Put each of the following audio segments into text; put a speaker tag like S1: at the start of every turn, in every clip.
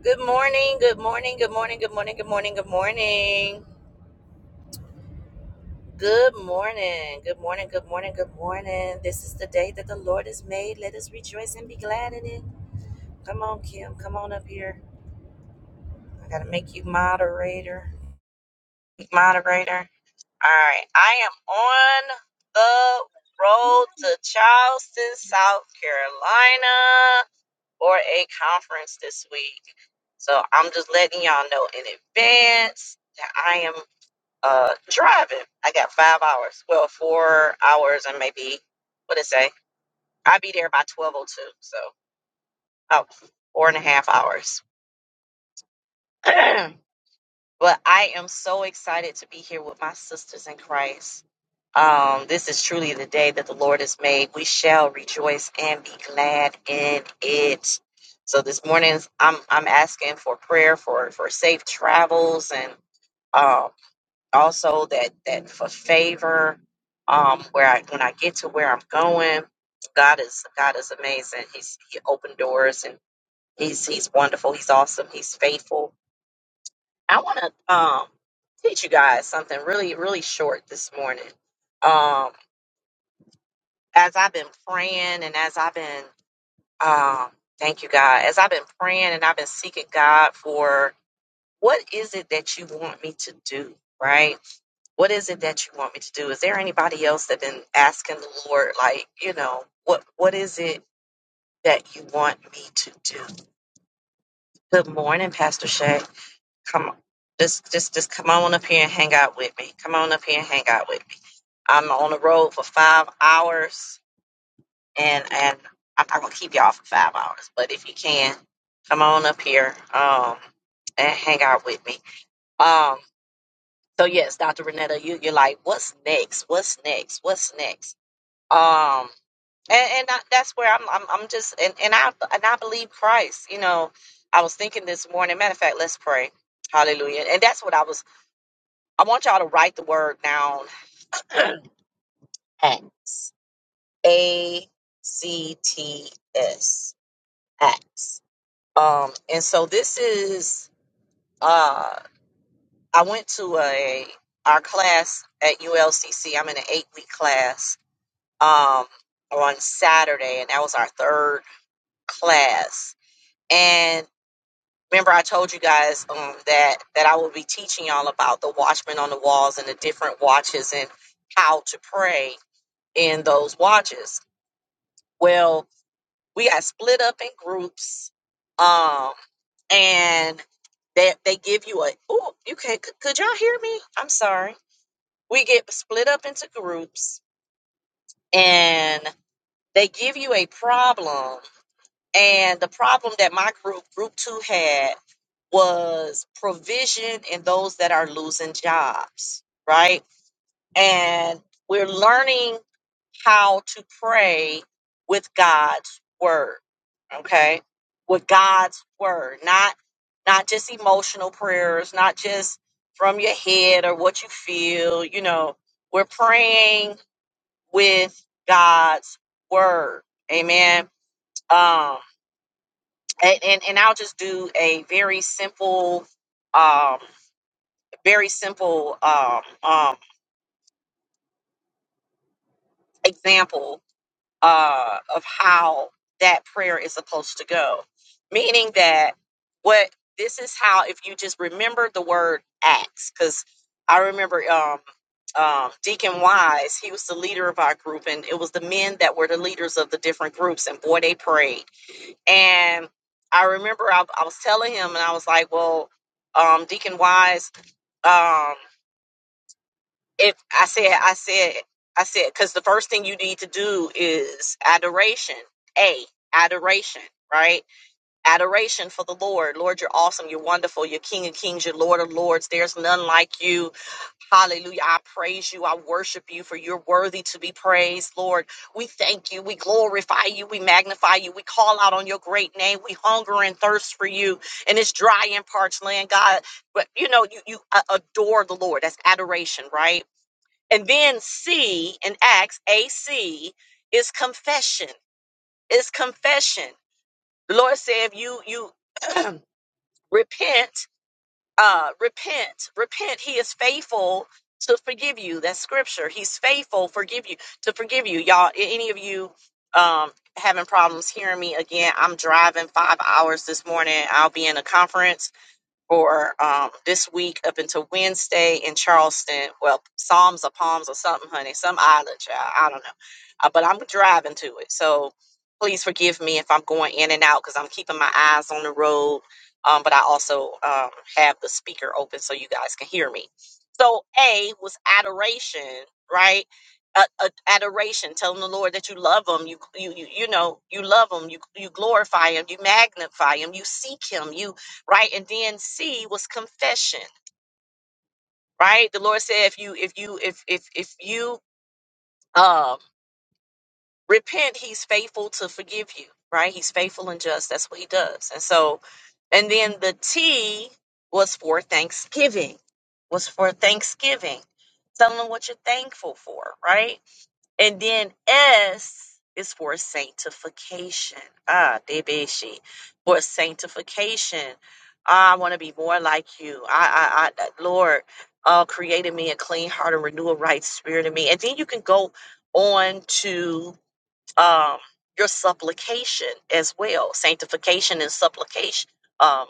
S1: Good morning, good morning, good morning, good morning, good morning, good morning. Good morning, good morning, good morning, good morning. This is the day that the Lord has made. Let us rejoice and be glad in it. Come on, Kim, come on up here. I gotta make you moderator. Moderator. All right, I am on the road to Charleston, South Carolina for a conference this week. So I'm just letting y'all know in advance that I am uh, driving. I got five hours. Well, four hours and maybe what did it say? I'll be there by twelve oh two. So oh, four and a half hours. but I am so excited to be here with my sisters in Christ. Um, this is truly the day that the Lord has made. We shall rejoice and be glad in it. So this morning, I'm I'm asking for prayer for for safe travels and um. also that that for favor um where i when i get to where i'm going god is god is amazing he's he opened doors and he's he's wonderful he's awesome he's faithful i want to um teach you guys something really really short this morning um as i've been praying and as i've been um thank you god as i've been praying and i've been seeking god for what is it that you want me to do right what is it that you want me to do? Is there anybody else that been asking the Lord, like, you know, what what is it that you want me to do? Good morning, Pastor Shay. Come on. Just just just come on up here and hang out with me. Come on up here and hang out with me. I'm on the road for five hours and and I'm not gonna keep y'all for five hours, but if you can, come on up here um and hang out with me. Um so yes, Dr. Renetta, you, you're like, what's next? What's next? What's next? um and and I, that's where I'm, I'm i'm just and, and i and i believe christ you know i was thinking this morning matter of fact let's pray hallelujah and that's what i was i want y'all to write the word down acts a c t s acts um and so this is uh i went to a our class at ulcc i'm in an eight week class um on saturday and that was our third class and. remember I told you guys um, that that I will be teaching y'all about the watchmen on the walls and the different watches and how to pray in those watches. Well, we got split up in groups, um, and they they give you a oh you can could, could y'all hear me? I'm sorry. We get split up into groups, and they give you a problem And the problem that my group, Group Two, had was provision and those that are losing jobs, right? And we're learning how to pray with God's word, okay? With God's word, not not just emotional prayers, not just from your head or what you feel, you know. We're praying with God's word. Amen. Um and, and and I'll just do a very simple, um, very simple um, um, example uh, of how that prayer is supposed to go. Meaning that what this is how if you just remember the word acts, because I remember um, um, Deacon Wise, he was the leader of our group, and it was the men that were the leaders of the different groups, and boy, they prayed And I remember I, I was telling him, and I was like, "Well, um, Deacon Wise, um, if I said, I said, I said, because the first thing you need to do is adoration. A adoration, right? Adoration for the Lord. Lord, you're awesome. You're wonderful. You're King of Kings. You're Lord of Lords. There's none like you. Hallelujah. I praise you. I worship you for you're worthy to be praised, Lord. We thank you. We glorify you. We magnify you. We call out on your great name. We hunger and thirst for you in this dry and parched land, God. But you know, you, you uh, adore the Lord. That's adoration, right? And then C in Acts, AC is confession. Is confession. The Lord said, if you you repent uh, repent, repent. He is faithful to forgive you. That's scripture. He's faithful, forgive you to forgive you, y'all. a- Any of you um, having problems hearing me again? I'm driving five hours this morning. I'll be in a conference for um, this week up until Wednesday in Charleston. Well, Psalms or Palms or something, honey, some island, child. I don't know. Uh, but I'm driving to it. So please forgive me if I'm going in and out because I'm keeping my eyes on the road. Um, but I also um, have the speaker open so you guys can hear me. So, A was adoration, right? Uh, uh, adoration, telling the Lord that you love Him, you you you, you know you love Him, you you glorify Him, you magnify Him, you seek Him, you right and then c was confession right the lord said if you if you if if if you um repent he's faithful to forgive you right he's faithful and just that's what he does and so and then the t was for thanksgiving was for thanksgiving tell them what you're thankful for right And then S is for sanctification. Ah, debeshi. For sanctification. I want to be more like you. I, I, I Lord, uh, created me a clean heart and renew a right spirit in me. And then you can go on to um, your supplication as well. Sanctification and supplication. Um,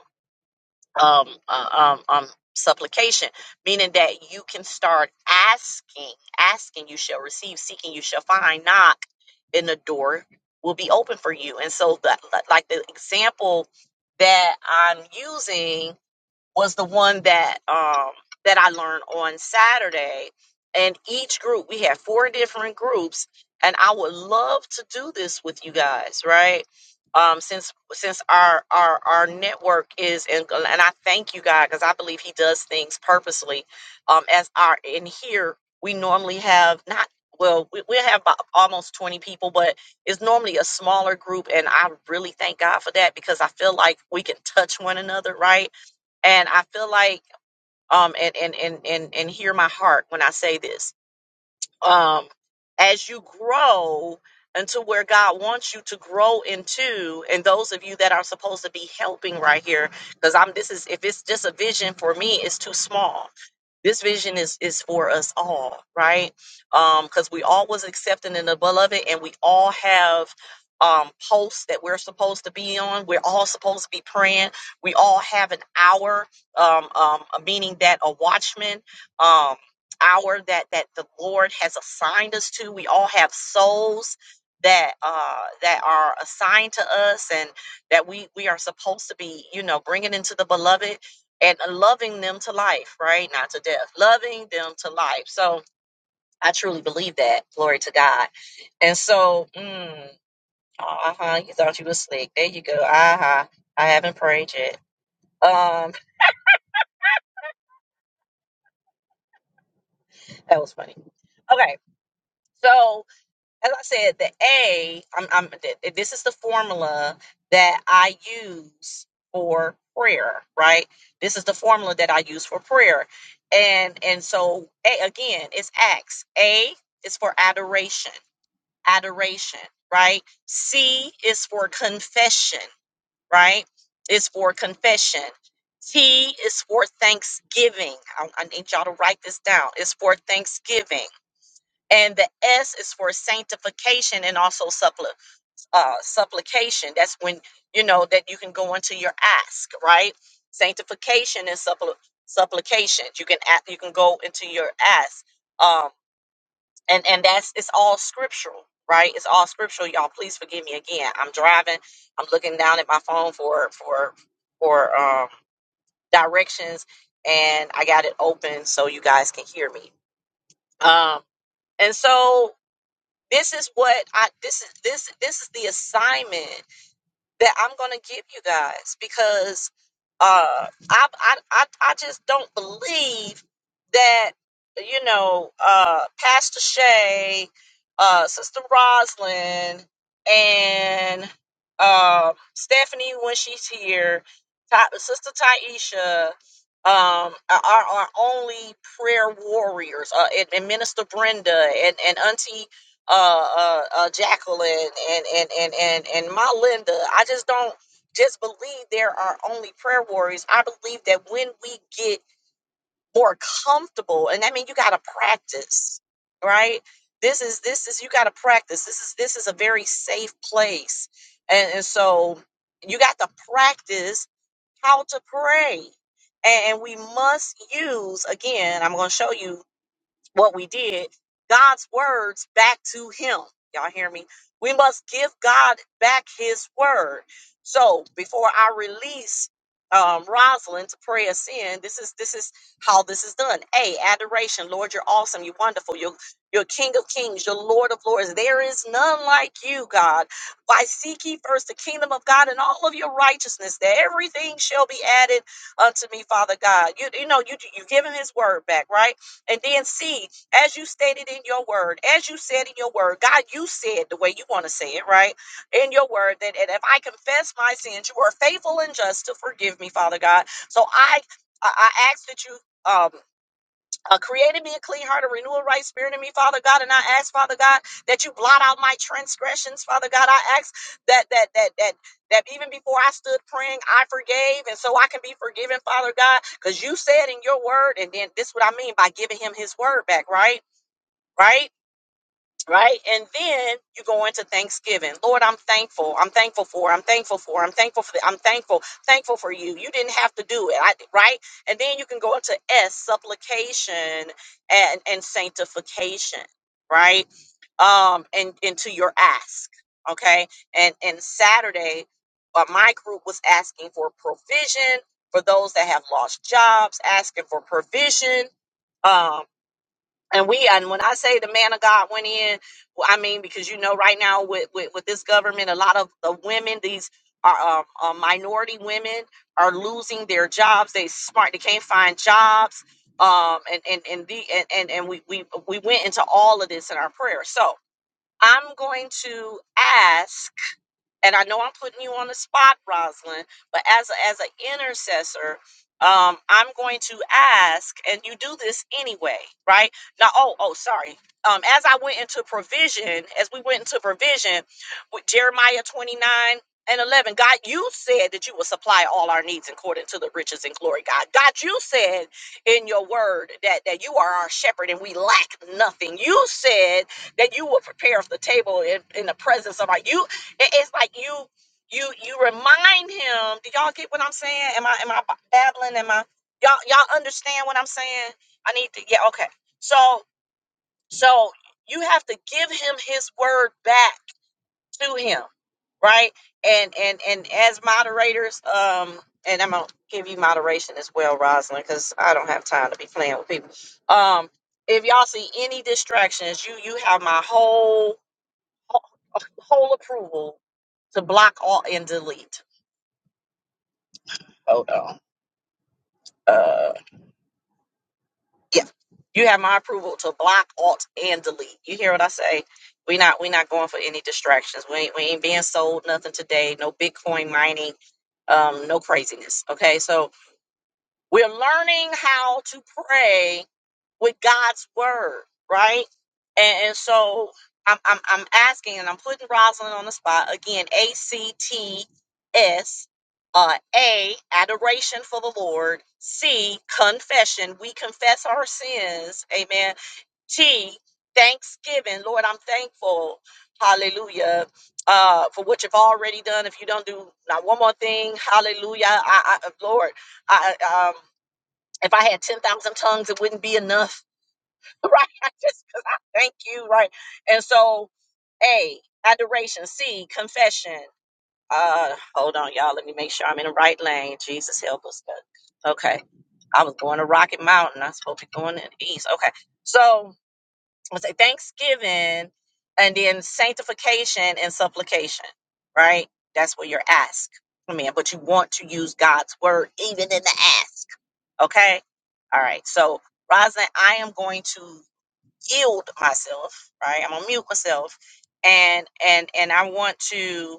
S1: um, uh, um, um, supplication, meaning that you can start asking, asking you shall receive, seeking you shall find, knock, and the door will be open for you. And so, the like the example that I'm using was the one that um that I learned on Saturday. And each group, we had four different groups, and I would love to do this with you guys, right? Um, since since our our our network is in, and I thank you God because I believe He does things purposely. Um, as our in here, we normally have not well, we, we have about almost twenty people, but it's normally a smaller group, and I really thank God for that because I feel like we can touch one another, right? and I feel like um and and and and and hear my heart when I say this. Um as you grow into where God wants you to grow into, and those of you that are supposed to be helping right here, because I'm this is if it's just a vision for me, it's too small this vision is is for us all right um because we all was accepted in the beloved and we all have um posts that we're supposed to be on we're all supposed to be praying we all have an hour um um uh, meaning that a watchman um hour that that the lord has assigned us to we all have souls that uh that are assigned to us and that we we are supposed to be you know bringing into the beloved and loving them to life, right? Not to death, loving them to life. So I truly believe that. Glory to God. And so, mm, uh huh, you thought you was slick. There you go. Uh huh. I haven't prayed yet. Um, that was funny. Okay, so as I said, the A, I'm, I'm, th- this is the formula that I use for prayer, right? This is the formula that I use for prayer. And, and so, A, again, it's acts. A is for adoration, adoration, right? C is for confession, right? It's for confession. T is for thanksgiving. I, I need y'all to write this down. It's for thanksgiving and the S is for sanctification and also suppli- uh, supplication. That's when you know that you can go into your ask, right? Sanctification and suppl- supplication. You can a- you can go into your ask, um, and and that's it's all scriptural, right? It's all scriptural, y'all. Please forgive me again. I'm driving. I'm looking down at my phone for for for um, directions, and I got it open so you guys can hear me. Um, and so this is what I this is this this is the assignment that I'm gonna give you guys because uh I I I, I just don't believe that you know uh Pastor Shay, uh Sister Roslyn and um Stephanie when she's here, Ta- Sister Taisha, um, are our only prayer warriors, uh, and, and Minister Brenda and, and Auntie uh, uh, uh, Jacqueline and and and and and my Linda. I just don't just believe there are only prayer warriors. I believe that when we get more comfortable, and I mean, you got to practice, right? This is this is you got to practice. This is this is a very safe place, and, and so you got to practice how to pray. And and we must use again. I'm going to show you what we did, God's words back to him. Y'all hear me? We must give God back his word. So before I release um, Rosalind to pray us in, this is this is how this is done. A adoration, Lord, you're awesome, you're wonderful, you're you're King of Kings, you're Lord of Lords. There is none like you, God. Why seek ye first the kingdom of God and all of your righteousness, that everything shall be added unto me, Father God. You you know you you give him his word back, right? And then C, as you stated in your word, as you said in your word, God, you said the way you want to say it, right? In your word, that and if I confess my sins, you are faithful and just to forgive me, Father God. So I I I ask that you. Um, uh, create in me a clean heart, a renewal right spirit in me, Father God. And I ask, Father God, that you blot out my transgressions, Father God. I ask that that that that that even before I stood praying, I forgave, and so I can be forgiven, Father God, because you said in your word, and then this is what I mean by giving him his word back, right? Right? right? And then you go into Thanksgiving. Lord, I'm thankful. I'm thankful for. I'm thankful for. I'm thankful for. I'm thankful. Thankful for you. You didn't have to do it, I, right? And then you can go into S, supplication and and sanctification, right? Um, and into your ask, okay? And and Saturday, uh, my group was asking for provision for those that have lost jobs, asking for provision um and we and when I say the man of God went in, well, I mean because you know right now with with, with this government, a lot of the women these are um, uh, minority women are losing their jobs. They smart, they can't find jobs. Um, and and and the and and, and we we we went into all of this in our prayer. So I'm going to ask and I know I'm putting you on the spot, Rosalind, but as a, as an intercessor, um, I'm going to ask, and you do this anyway, right? Now, oh, oh, sorry. Um, as I went into provision, as we went into provision with Jeremiah 29 and 11, God, you said that you will supply all our needs according to the riches and glory, God. God, you said in your word that, that you are our shepherd and we lack nothing. You said that you will prepare the table in, in the presence of our. You it- it's like you you you remind him. Do y'all get what I'm saying? Am I am I ba- babbling? Am I y'all y'all understand what I'm saying? I need to yeah okay. So so you have to give him his word back to him, right? And and and as moderators, um, and I'm gonna give you moderation as well, Rosalind, because I don't have time to be playing with people. Um, if y'all see any distractions, you you have my whole a whole approval to block, alt, and delete. Hold on. Uh, yeah, you have my approval to block, alt, and delete. You hear what I say? We not we not going for any distractions. We ain't, we ain't being sold nothing today. No Bitcoin mining. Um, no craziness. Okay, so we're learning how to pray with God's word, right? And, and so I'm, I'm I'm asking, and I'm putting Rosalind on the spot again. A C T S. Uh, A, adoration for the Lord. C, confession. We confess our sins. Amen. T, thanksgiving. Lord, I'm thankful. Hallelujah. Uh, for what you've already done. If you don't do not one more thing, hallelujah. I, I Lord, I I, um, if I had ten thousand tongues, it wouldn't be enough. right? I just because I thank you, right? And so, A, adoration, C, confession. Uh, hold on, y'all. Let me make sure I'm in the right lane. Jesus help us. God. Okay. I was going to Rocket Mountain. I'm supposed to be going in the east. Okay. So I say Thanksgiving and then sanctification and supplication, right? That's where you're asked. I mean, but you want to use God's word even in the ask. Okay. All right. So Roslyn, I am going to yield myself right i'm gonna mute myself and and and i want to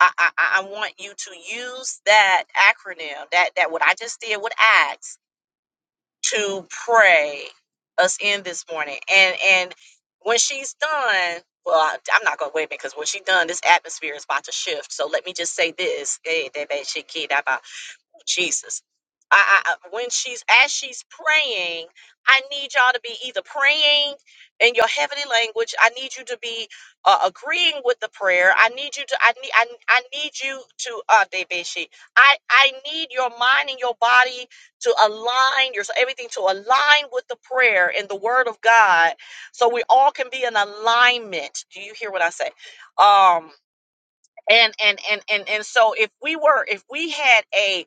S1: I, I i I want you to use that acronym that that what i just did with acts to pray us in this morning. And and when she's done, well, I, I'm not gonna wait because when she's done, this atmosphere is about to shift. So let me just say this: hey, that bad shit kid about Jesus. I, I I- when she's as she's praying, I need y'all to be either praying in your heavenly language. I need you to be uh, agreeing with the prayer. I need you to. I need. I, I need you to. Uh, Debeshi. I I need your mind and your body to align your so everything to align with the prayer and the word of God so we all can be in alignment. Do you hear what I say? Um and and and and and so if we were if we had a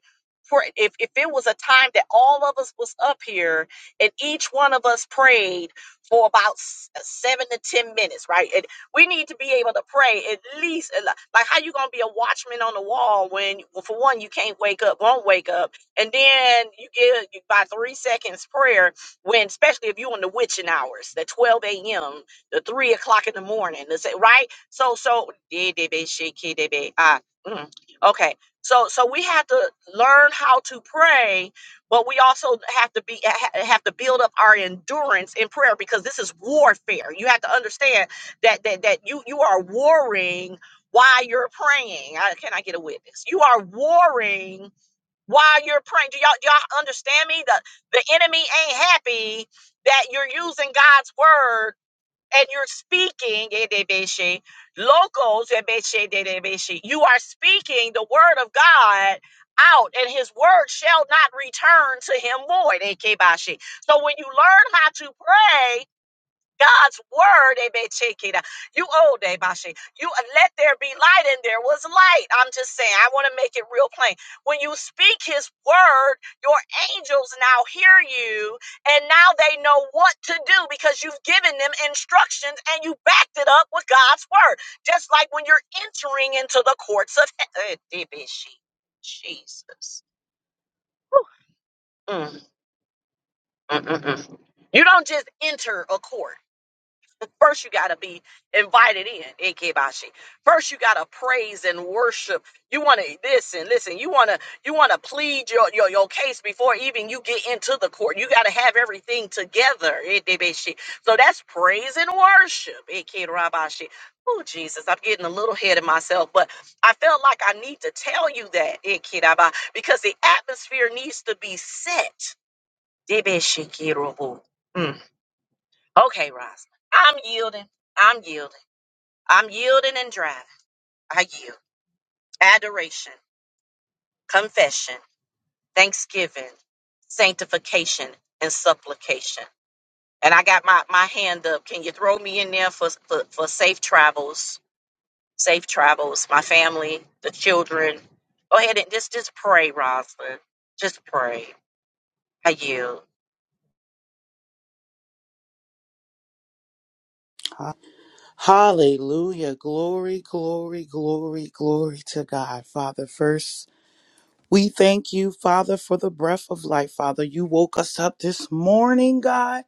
S1: pr- if if it was a time that all of us was up here and each one of us prayed for about s- seven to ten minutes right and we need to be able to pray at least uh, li- like how you gonna be a watchman on the wall when well, for one you can't wake up won't wake up and then you get you- by three seconds prayer when especially if you in the witching hours the 12 a.m the three o'clock in the morning the se- right so so yeah, they be shaky, they be ah. mm. Okay, so so we have to learn how to pray, but we also have to be ha- have to build up our endurance in prayer because this is warfare. You have to understand that that that you you are warring while you're praying. I, can I get a witness? You are warring while you're praying. Do y'all do y'all understand me? The the enemy ain't happy that you're using God's word and you're speaking edebeshe, locals edebeshe, dedebeshe. you are speaking the word of god out and his word shall not return to him void ekebashe. so when you learn how to pray God's word, Ebechikida. You old Ebashi. You uh, let there be light, and there was light. I'm just saying, I want to make it real plain. When you speak his word, your angels now hear you, and now they know what to do because you've given them instructions and you backed it up with God's word. Just like when you're entering into the courts of heaven. Jesus. Mm, mm, mm, mm. You don't just enter a court. First, you got to be invited in, Ikebashi. First, you got to praise and worship. You want to listen, listen. You want to you want to plead your, your your case before even you get into the court. You got to have everything together, Ikebashi. So that's praise and worship, Ikerabashi. Oh Jesus, I'm getting a little ahead of myself, but I felt like I need to tell you that, Ikeraba, because the atmosphere needs to be set. Debeshikirobo. Okay, Ross. I'm yielding. I'm yielding. I'm yielding and driving. I yield. Adoration, confession, thanksgiving, sanctification, and supplication. And I got my, my hand up. Can you throw me in there for, for, for safe travels? Safe travels, my family, the children. Go ahead and just, just pray, Rosalind. Just pray. I yield.
S2: Hallelujah. Glory, glory, glory, glory to God. Father, first, we thank you, Father, for the breath of life. Father, you woke us up this morning, God.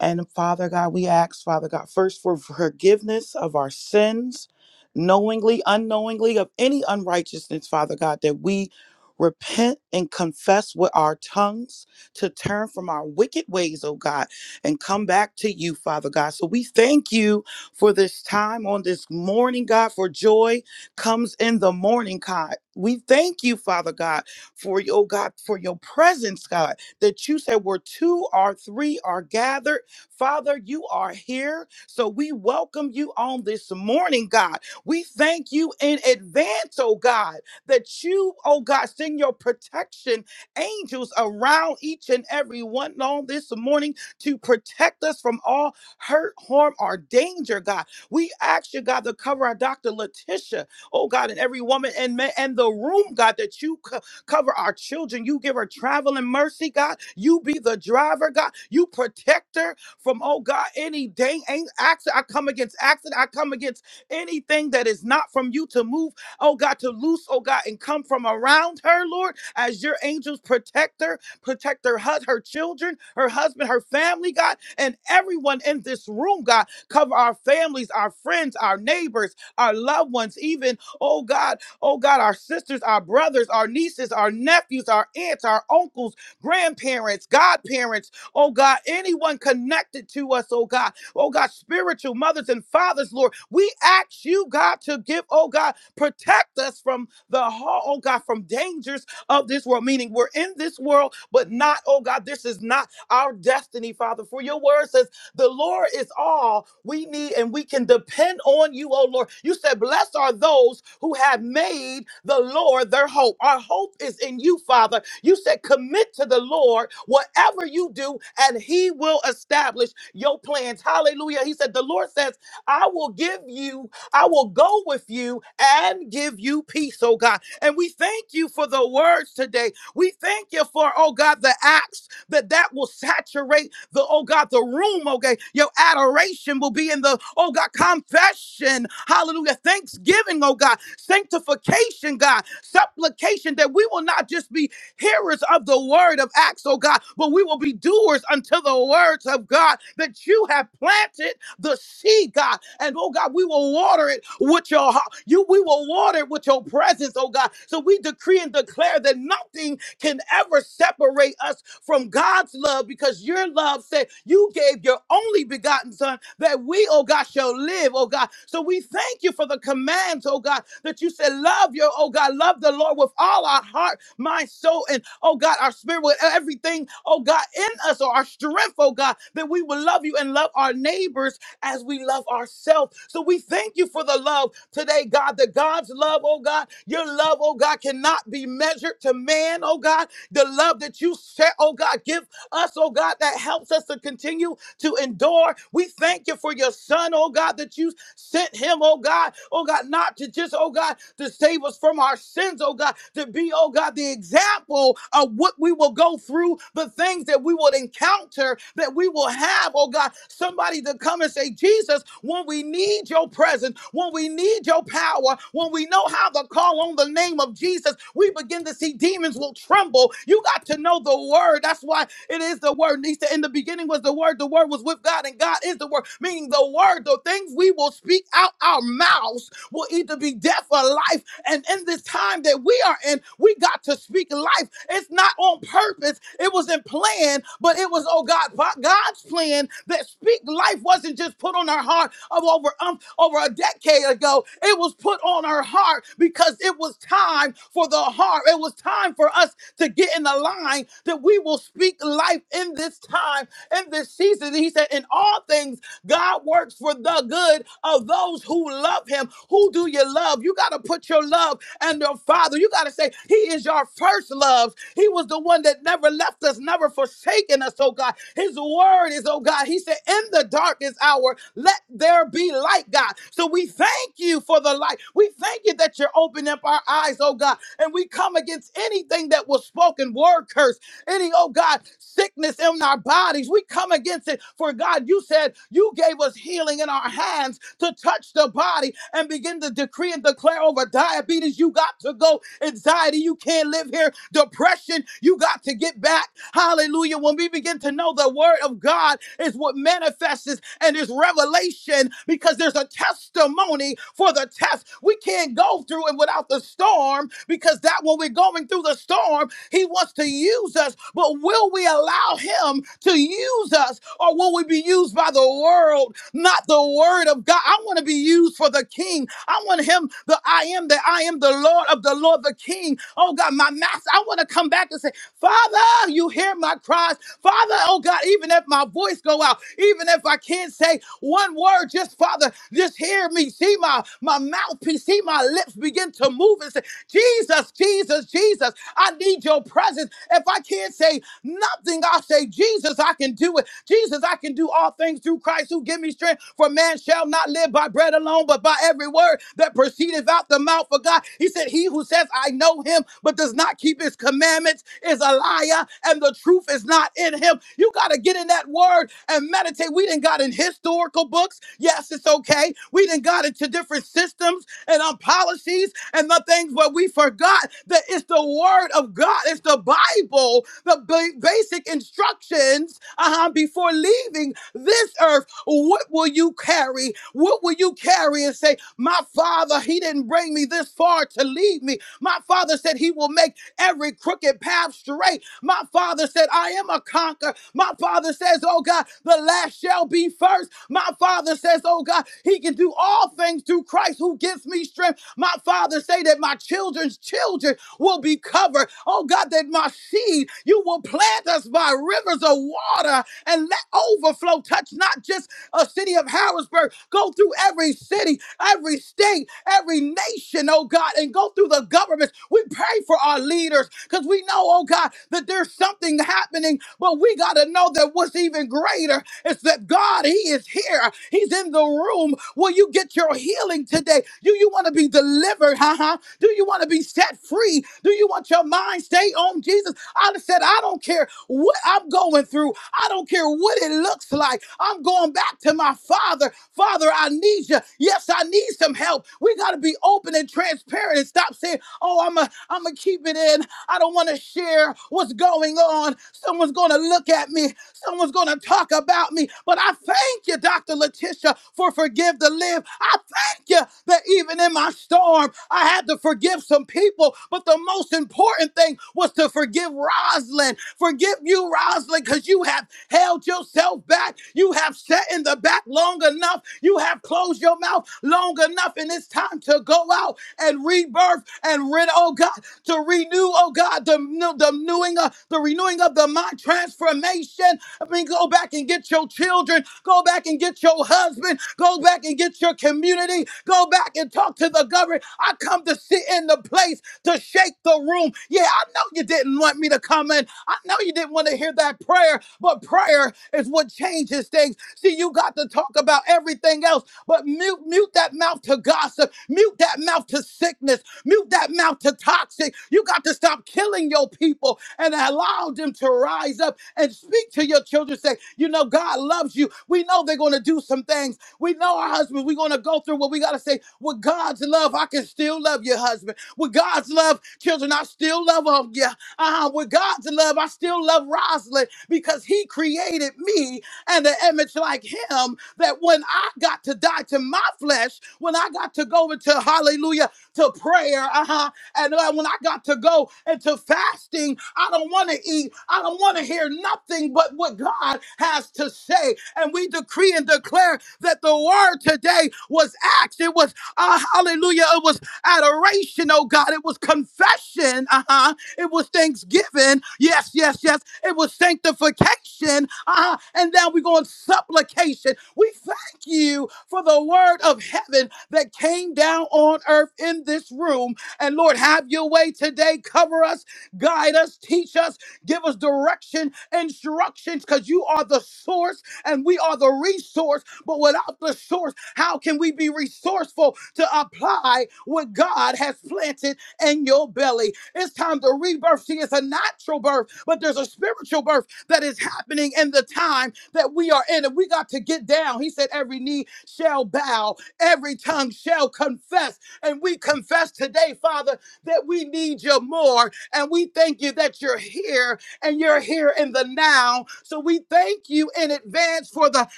S2: And Father God, we ask, Father God, first for forgiveness of our sins, knowingly, unknowingly, of any unrighteousness, Father God, that we repent and confess with our tongues to turn from our wicked ways, oh God, and come back to you, Father God. So we thank you for this time on this morning, God, for joy comes in the morning, God. We thank you, Father God, for your God, for your presence, God, that you said where two or three are gathered Father, you are here. So we welcome you on this morning, God. We thank you in advance, oh God, that you, oh God, send your protection angels around each and every one on this morning to protect us from all hurt, harm, or danger, God. We ask you, God, to cover our Dr. Letitia, oh God, and every woman and man and the room, God, that you co- cover our children. You give her travel and mercy, God. You be the driver, God. You protect her from, oh God, any dang accident. I come against accident. I come against anything that is not from you to move, oh God, to loose, oh God, and come from around her, Lord, as your angels protect her, protect her, hus- her children, her husband, her family, God, and everyone in this room, God. Cover our families, our friends, our neighbors, our loved ones, even, oh God, oh God, our sisters, our brothers, our nieces, our nephews, our aunts, our uncles, grandparents, godparents oh God, anyone connected to us, oh God, oh God, spiritual mothers and fathers, Lord, we ask you, God, to give, oh God, protect us from the, oh God, from dangers of this world, meaning we're in this world, but not, oh God, this is not our destiny, Father. For your word says. The Lord is all we need, and we can depend on you, oh Lord. You said, Blessed are those who have made the Lord their hope. Our hope is in you, Father. You said, Commit to the Lord whatever you do, and he will establish your plans. Hallelujah. He said, The Lord says, I will give you, I will go with you and give you peace, oh God. And we thank you for the words today. We thank you for, oh God, the acts that that will saturate the, oh God, the room, okay? Your adoration will be in the, oh God, confession, hallelujah, thanksgiving, oh God, sanctification, God, supplication, that we will not just be hearers of the word of Acts, oh God, but we will be doers unto the words of God that you have planted the seed, God. And oh God, we will water it with your heart. You we will water it with your presence, oh God. So we decree and declare that nothing can ever separate us from God's love because your love said you gave your only begotten son that we, oh God, shall live, oh God. So we thank you for the commands, oh God, that you said, love your, oh God, love the Lord with all our heart, mind, soul, and oh God, our spirit, with everything, oh God, in us or our strength, oh God, that we will love you and love our neighbors as we love ourselves. So we thank you for the love today, God, that God's love, oh God, your love, oh God, cannot be measured to man, oh God. The love that you share, oh God, give us, oh God, that helps us to continue to endure. We thank you for your son, oh God, that you Sent him, oh God, oh God, not to just, oh God, to save us from our sins, oh God, to be, oh God, the example of what we will go through, the things that we will encounter, that we will have, oh God, somebody to come and say, Jesus, when we need your presence, when we need your power, when we know how to call on the name of Jesus, we begin to see demons will tremble. You got to know the word. That's why it is the word. He said, In the beginning was the word, the word was with God, and God is the word. Meaning the word, the things we will speak out our mouths will either be death or life. And in this time that we are in, we got to speak life. It's not on purpose, it wasn't planned, but it was, oh God, God's plan that speak life wasn't just put on our heart of over, um, over a decade ago. It was put on our heart because it was time for the heart. It was time for us to get in the line that we will speak life in this time, in this season. He said, in all things, God works for the good of those who love him. Who do you love? You got to put your love and your father. You got to say, He is your first love. He was the one that never left us, never forsaken us, oh God. His word is, oh God. He said, In the darkest hour, let there be light, God. So we thank you for the light. We thank you that you're opening up our eyes, oh God. And we come against anything that was spoken, word curse, any, oh God, sickness in our bodies. We come against against it. For God, you said you gave us healing in our hands to touch the body and begin to decree and declare over diabetes. You got to go. Anxiety, you can't live here. Depression, you got to get back. Hallelujah. When we begin to know the word of God is what manifests and is revelation because there's a testimony for the test. We can't go through it without the storm because that when we're going through the storm, he wants to use use us, but will we allow him to use us or will we be used by the world, not the word of God? I want to be used for the king. I want him, the I am that I am the Lord of the Lord, the king. Oh God, my master, I want to come back and say, Father, you hear my cries. Father, oh God, even if my voice go out, even if I can't say one word, just Father, just hear me. See my, my mouthpiece, see my lips begin to move and say, Jesus, Jesus, Jesus, I need your presence. If I can't say nothing, I'll say, Jesus, I can do it. Jesus, I can do all things through Christ who give me strength. For man shall not live by bread alone, but by every word that proceedeth out the mouth of God. He said, He who says, I know him, but does not keep his commandments is a liar, and the truth is not in him. You got to get in that word and meditate. We didn't got in historical books. Yes, it's okay. We done got into different systems and um, policies and the things, but we forgot that it's the word of God. It's the Bible, the ba- basic instructions uh-huh, before leaving this earth. What will you carry? What will you carry and say, my father, he didn't bring me this far to leave me. My father said he will make every crooked path straight. My father said, I am a conqueror. My father says, Oh God, the last shall be first. My father says, Oh God, he can do all things through Christ who gives me strength. My father say that my children's children will be covered. Oh God, that my seed, you will plant us by rivers of water and let overflow touch not just a city of Harrisburg, go through every city, every every state, every nation, oh God, and go through the governments. We pray for our leaders because we know, oh God, that there's something happening, but we got to know that what's even greater is that God, He is here. He's in the room. Will you get your healing today? Do you want to be delivered? Huh? Do you want to be set free? Do you want your mind stay on Jesus? I said, I don't care what I'm going through. I don't care what it looks like. I'm going back to my my father. Father, I need you. Yes, I need some help. We got to be open and transparent and stop saying, oh, I'm a, I'm to keep it in. I don't want to share what's going on. Someone's going to look at me. Someone's going to talk about me. But I thank you, Dr. Letitia, for Forgive to Live. I thank you that even in my storm, I had to forgive some people. But the most important thing was to forgive Rosalind. Forgive you, Rosalind, because you you have held yourself back. You have sat in the back long enough. You have closed your mouth long enough. And it's time to go out and rebirth and rid, oh God, to renew, oh God, the, the renewing of the renewing of the mind transformation. I mean, go back and get your children, go back and get your husband, go back and get your community, go back and talk to the government. I come to sit in the place to shake the room. Yeah, I know you didn't didn't want me to come in. I know you didn't want to hear that prayer, but prayer is what changes things. See, you got to talk about everything else, but mute, mute that mouth to gossip, mute that mouth to sickness, mute that mouth to toxic. You got to stop killing your people and allow them to rise up and speak to your children. Say, you know, God loves you. We know they're going to do some things. We know our husbands. We're going to go through what we got to say. With God's love, I can still love your husband. With God's love, children, I still love them. Yeah, uh, with God's love, I still love Rosalind because he created me and the image like him that when I got to die to my flesh, when I got to go into hallelujah to prayer, uh-huh, and uh, when I got to go into fasting, I don't want to eat, I don't want to hear nothing but what God has to say. And we decree and declare that the word today was acts, it was uh, hallelujah, it was adoration, oh God, it was confession, uh-huh, it was thanksgiving. Yes, yes, yes. It was sanctification. Uh-huh. And now we go on supplication. We thank you for the word of heaven that came down on earth in this room. And Lord, have your way today. Cover us, guide us, teach us, give us direction, instructions, because you are the source and we are the resource. But without the source, how can we be resourceful to apply what God has planted? in your belly. It's time to rebirth. See, it's a natural birth, but there's a spiritual birth that is happening in the time that we are in. And we got to get down. He said, Every knee shall bow, every tongue shall confess. And we confess today, Father, that we need you more. And we thank you that you're here and you're here in the now. So we thank you in advance for the,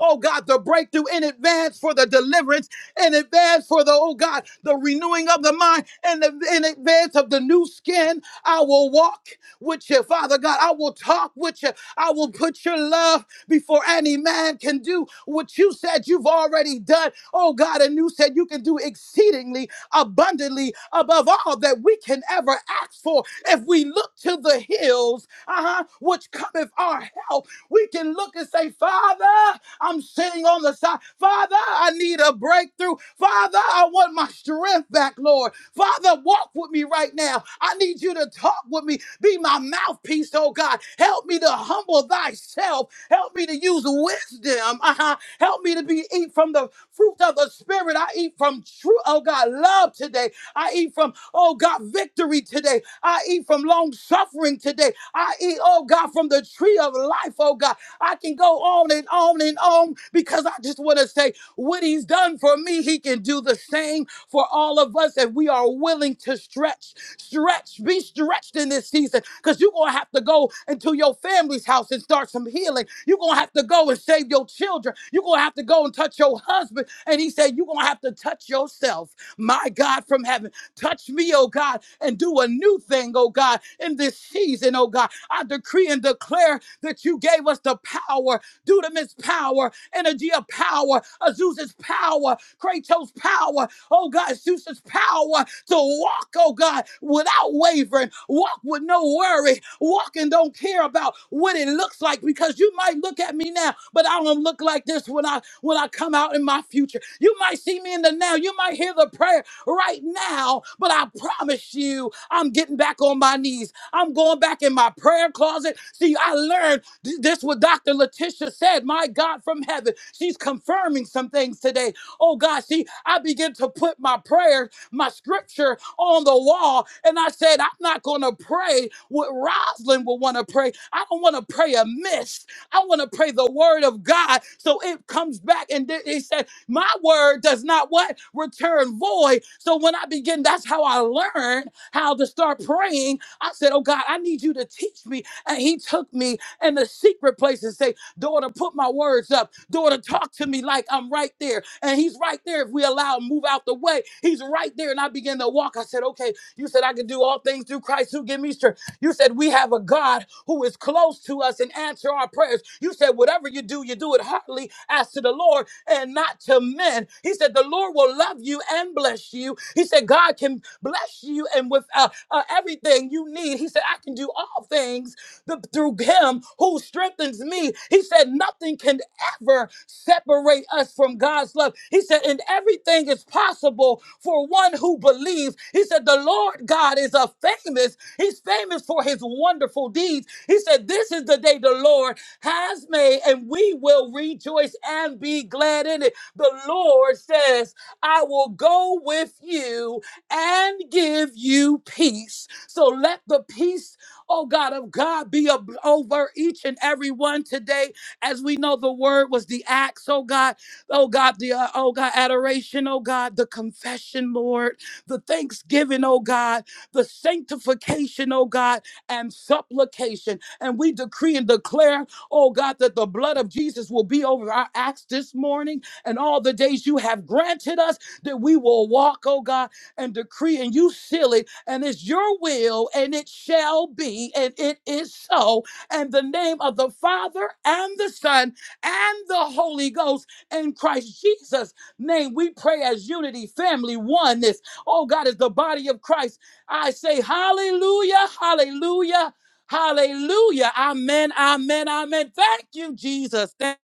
S2: oh God, the breakthrough in advance for the deliverance in advance for the, oh God, the renewing of the mind and the, in advance of the new skin. I will walk with you, Father God. I will talk with you. I will put your love before any man can do what you said you've already done. Oh God, and you said you can do exceedingly abundantly above all that we can ever ask for. If we look to the hills, uh-huh, which cometh our help, we can look and say, Father. I'm sitting on the side. Father, I need a breakthrough. Father, I want my strength back, Lord. Father, walk with me right now. I need you to talk with me. Be my mouthpiece, oh God. Help me to humble thyself. Help me to use wisdom. Uh-huh. Help me to be eat from the fruit of the spirit. I eat from true, oh God, love today. I eat from, oh God, victory today. I eat from long suffering today. I eat, oh God, from the tree of life, oh God. I can go on and on and on because I just want to say what he's done for me, he can do the same for all of us if we are willing to stretch, stretch, be stretched in this season because you're going to have to go into your family's house and start some healing. You're going to have to go and save your children. You're going to have to go and touch your husband. And he said, You're going to have to touch yourself, my God from heaven. Touch me, oh God, and do a new thing, oh God, in this season, oh God. I decree and declare that you gave us the power, dunamis power, energy of power, Azusa's power, Kratos power, oh God, Zeus's power to walk, oh God, without wavering, walk with no worry, walk and don't care about what it looks like because you might look at me now, but I don't look like this when I when I come out in my future. You might see me in the now, you might hear the prayer right now, but I promise you, I'm getting back on my knees. I'm going back in my prayer closet. See, I learned th- this what Dr. Letitia said. My God from heaven, she's confirming some things today. Oh God, see, I begin to put my prayer, my scripture on the wall, and I said, I'm not going to pray what Rosalind will want to pray. I don't want to pray amiss. I want to pray the word of God. So it comes back. And then he said, My word does not what? Return void. So when I begin, that's how I learn how to start praying I said, Oh God, I need you to teach me. And he took me in the secret place and say, Daughter, put my words up. Daughter, talk to me like I'm right there. And he's right there. If we allow him to move out the way, he's right there. And I began to walk. I said, Okay, you said I can do all things through Christ who give me strength. You said we have a God who is close to us and answer our prayers. You said whatever you do, you do it heartily as to the Lord and not to men. He said the Lord will love you and bless you. He said God can bless you and with uh, uh, everything you need. He said I can do all things th- through Him who strengthens me. He said nothing can ever separate us from God's love. He said and everything is possible for one who believes. He said the Lord God is a famous He's famous for his wonderful deeds. He said, This is the day the Lord has made, and we will rejoice and be glad in it. The Lord says, I will go with you and give you peace. So let the peace, oh God, of God be ab- over each and every one today. As we know, the word was the acts, oh God, oh God, the, uh, oh God, adoration, oh God, the confession, Lord, the thanksgiving, oh God the sanctification, oh God, and supplication. And we decree and declare, oh God, that the blood of Jesus will be over our acts this morning and all the days you have granted us that we will walk, oh God, and decree and you seal it. And it's your will, and it shall be, and it is so. And the name of the Father and the Son and the Holy Ghost in Christ Jesus' name, we pray as unity, family, oneness. Oh God, as the body of Christ. I say hallelujah, hallelujah, hallelujah. Amen, amen, amen. Thank you, Jesus. Thank-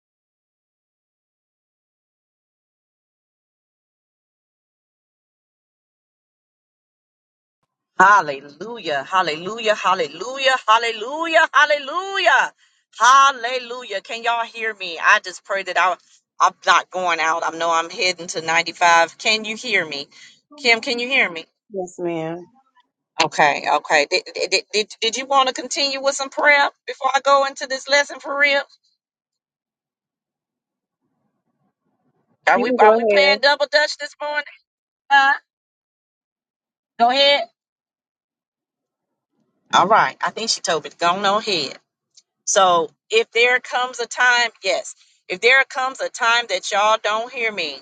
S1: Hallelujah, hallelujah, hallelujah, hallelujah, hallelujah, hallelujah. Can y'all hear me? I just pray that I, I'm not going out. I know I'm heading to 95. Can you hear me? Kim, can you hear me?
S3: Yes, ma'am.
S1: Okay, okay. Did, did, did, did you want to continue with some prayer before I go into this lesson for real? Are
S3: You
S1: we
S3: can
S1: are we playing
S3: go
S1: double dutch this morning? Huh? Go ahead. All right. I think she told me to go on ahead. So if there comes a time, yes, if there comes a time that y'all don't hear me,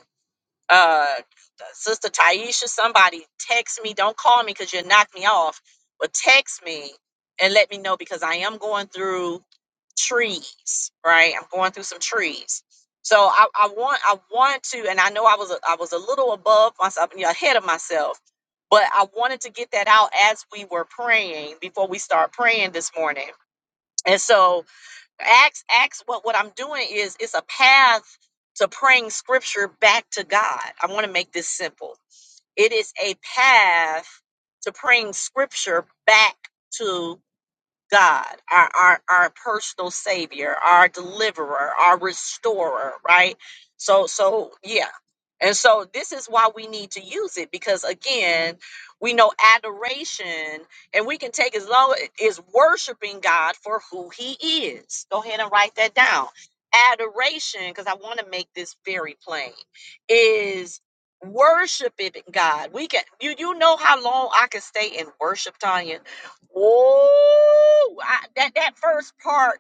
S1: uh, Sister Taisha, somebody text me. Don't call me because you knock me off, but text me and let me know because I am going through trees, right? I'm going through some trees. So I, I want I want to, and I know I was a, I was a little above myself, you know, ahead of myself, but I wanted to get that out as we were praying before we start praying this morning. And so Acts, Acts, what what I'm doing is it's a path to praying scripture back to God. I want to make this simple. It is a path to praying scripture back to God, our, our, our personal savior, our deliverer, our restorer, right? So, so yeah. And so this is why we need to use it because again, we know adoration and we can take as long as worshiping God for who he is. Go ahead and write that down. Adoration, because I want to make this very plain, is worshiping God. We can you you know how long I can stay in worship, Tanya? Ooh, I, that that first part.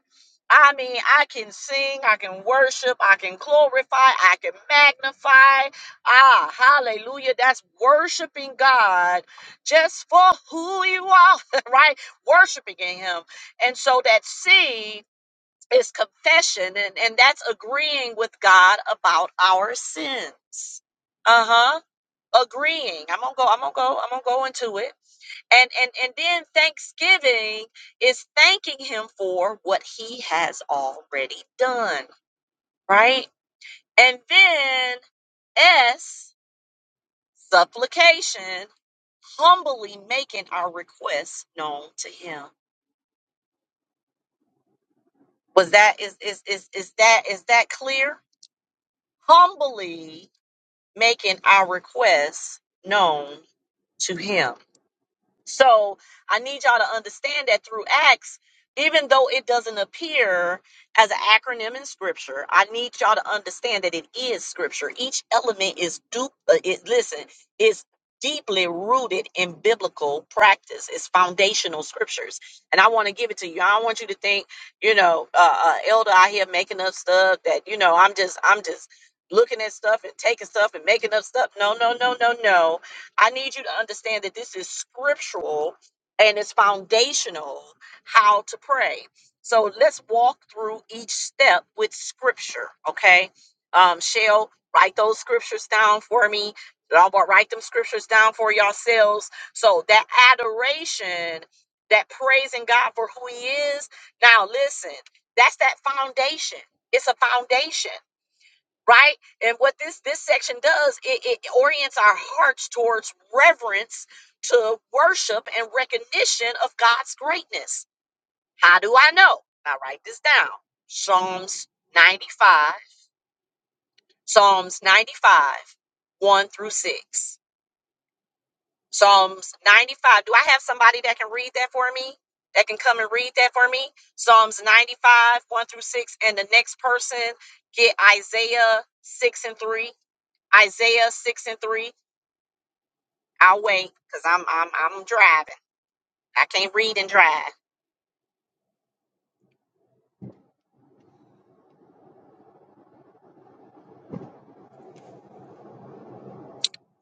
S1: I mean, I can sing, I can worship, I can glorify, I can magnify. Ah, hallelujah. That's worshiping God just for who you are, right? Worshiping in Him. And so that C is confession, and, and that's agreeing with God about our sins. Uh huh. Agreeing. I'm gonna go, I'm gonna go, I'm gonna go into it and and and then thanksgiving is thanking him for what he has already done right and then s supplication humbly making our requests known to him was that is is is, is that is that clear humbly making our requests known to him So I need y'all to understand that through Acts, even though it doesn't appear as an acronym in Scripture, I need y'all to understand that it is Scripture. Each element is du- uh, it, listen, is deeply rooted in biblical practice. It's foundational Scriptures, and I want to give it to you. I don't want you to think, you know, uh, uh, elder out here making up stuff that you know. I'm just, I'm just looking at stuff and taking stuff and making up stuff. No, no, no, no, no I need you to understand that this is scriptural and it's foundational how to pray. So let's walk through each step with scripture, okay? Um, Shell, write those scriptures down for me. Y'all wa- write them scriptures down for yourselves. So that adoration, that praising God for who He is. Now, listen, that's that foundation. It's a foundation right and what this this section does it, it orients our hearts towards reverence to worship and recognition of god's greatness how do i know Now write this down psalms 95 psalms 95 1 through 6 psalms 95 do i have somebody that can read that for me that can come and read that for me psalms 95 1 through 6 and the next person get isaiah 6 and 3 Isaiah six and three. I'll wait because I'm I'm I'm driving. I can't read and drive.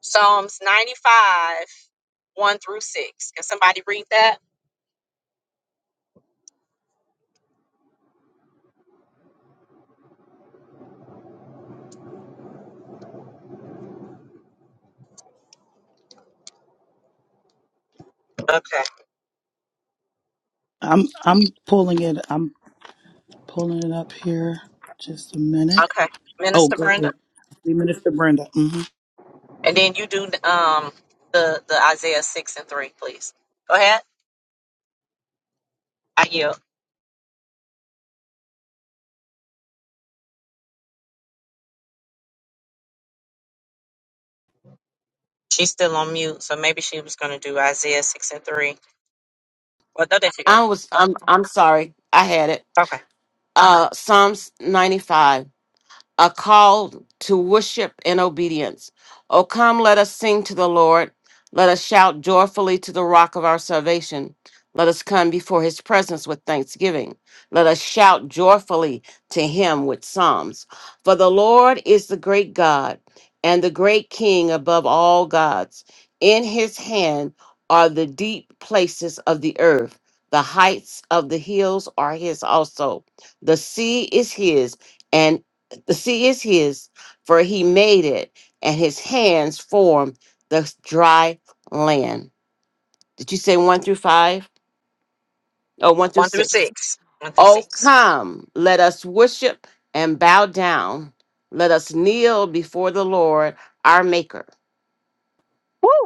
S1: Psalms ninety five one through six. Can somebody read that? Okay.
S2: I'm I'm pulling it. I'm pulling it up here. Just a minute.
S1: Okay.
S2: Oh,
S1: Minister
S2: go
S1: Brenda,
S2: ahead. See, Minister Brenda. hmm
S1: and then you do um the the Isaiah six and three, please. Go ahead. I yield. She's still on mute, so maybe she was going to do Isaiah six and three. Well, no, there you go.
S4: I was I'm I'm sorry. I had it.
S1: Okay.
S4: Uh Psalms 95 a call to worship and obedience. O come, let us sing to the Lord. Let us shout joyfully to the rock of our salvation. Let us come before his presence with thanksgiving. Let us shout joyfully to him with psalms. For the Lord is the great God and the great King above all gods. In his hand are the deep places of the earth. The heights of the hills are his also. The sea is his the sea is his, for he made it, and his hands formed the dry land. Did you say one through five? Oh, one through
S1: One through
S4: six.
S1: six. One through
S4: Oh,
S1: six.
S4: come, let us worship and bow down. Let us kneel before the Lord, our Maker.
S1: Woo.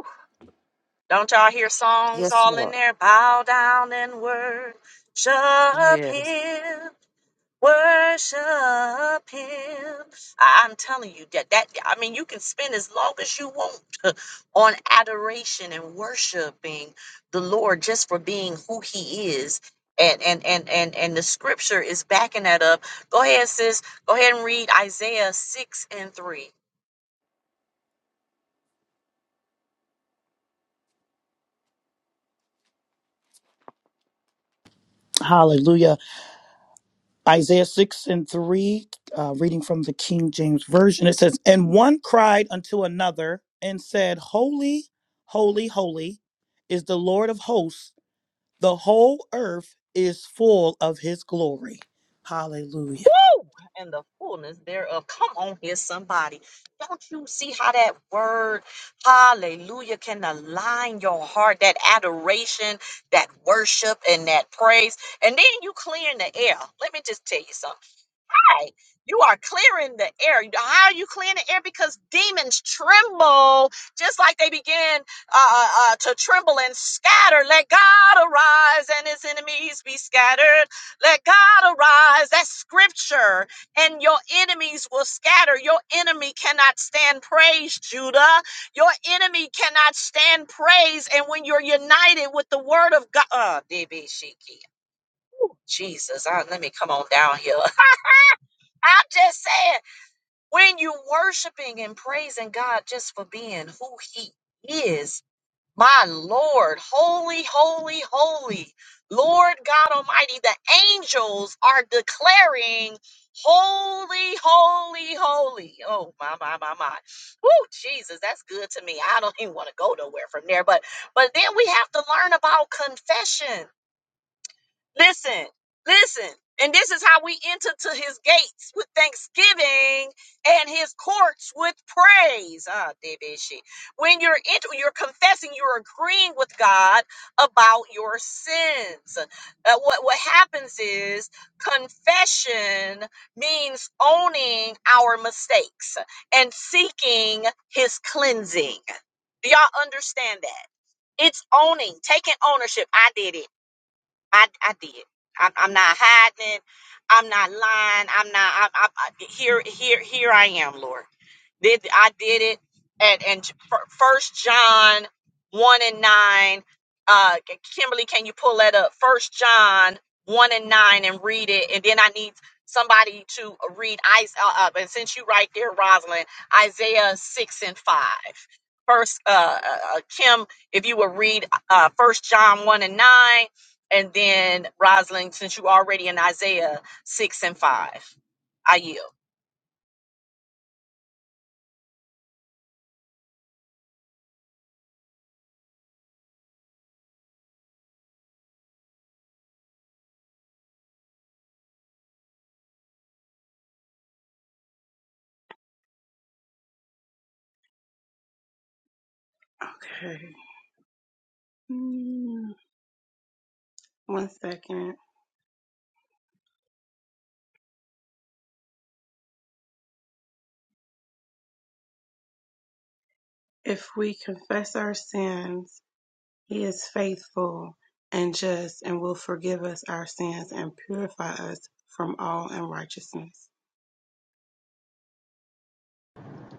S1: Don't y'all hear songs
S4: Yes,
S1: all in
S4: Lord.
S1: there? Bow down and worship
S4: Yes.
S1: him. Worship him. I- I'm telling you that that I mean you can spend as long as you want on adoration and worshiping the Lord just for being who he is. And and and and and the scripture is backing that up. Go ahead, sis. Go ahead and read Isaiah 6 and 3.
S2: Hallelujah. Isaiah 6 and 3, uh, reading from the King James Version. It says, And one cried unto another and said, Holy, holy, holy is the Lord of hosts The whole earth is full of his glory. Hallelujah.
S1: and the fullness thereof. Come on here, somebody. Don't you see how that word, hallelujah, can align your heart, that adoration, that worship, and that praise? And then you clear in the air. Let me just tell you something right. You are clearing the air. You- How are you clearing the air? Because demons tremble, just like they begin uh, uh, uh, to tremble and scatter. Let God arise and his enemies be scattered. Let God arise. That's scripture. And your enemies will scatter. Your enemy cannot stand praise, Judah. Your enemy cannot stand praise. And when you're united with the word of God, uh, DB Shiki, Jesus, I, let me come on down here. I'm just saying when you're worshiping and praising God just for being who He is, my Lord, holy, holy, holy, Lord God Almighty, the angels are declaring, Holy, holy, holy. Oh, my, my, my, my. Woo, Jesus, that's good to me. I don't even want to go nowhere from there. But but then we have to learn about confession. Listen, listen. And this is how we enter to his gates with thanksgiving and his courts with praise. Ah, Debeshi. When you're enter, you're confessing, you're agreeing with God about your sins. Uh, what what happens is confession means owning our mistakes and seeking his cleansing. Do y'all understand that? It's owning, taking ownership. I did it. I, I did. I'm, I'm not hiding. I'm not lying. I'm not. I, I, I, here, here, here I am, Lord. Did I did it at and First John one and nine. Uh, Kimberly, can you pull that up? First John one and nine and read it, and then I need somebody to read Is Uh, uh, and since you right there, Rosalind, Isaiah six and five. First, uh, uh, uh, Kim, if you would read uh, First John one and nine, and then Rosalind, since you already in Isaiah six and five, I yield.
S3: ahead. Okay. Mm, One second. If we confess our sins, He is faithful and just and will forgive us our sins and purify us from all unrighteousness.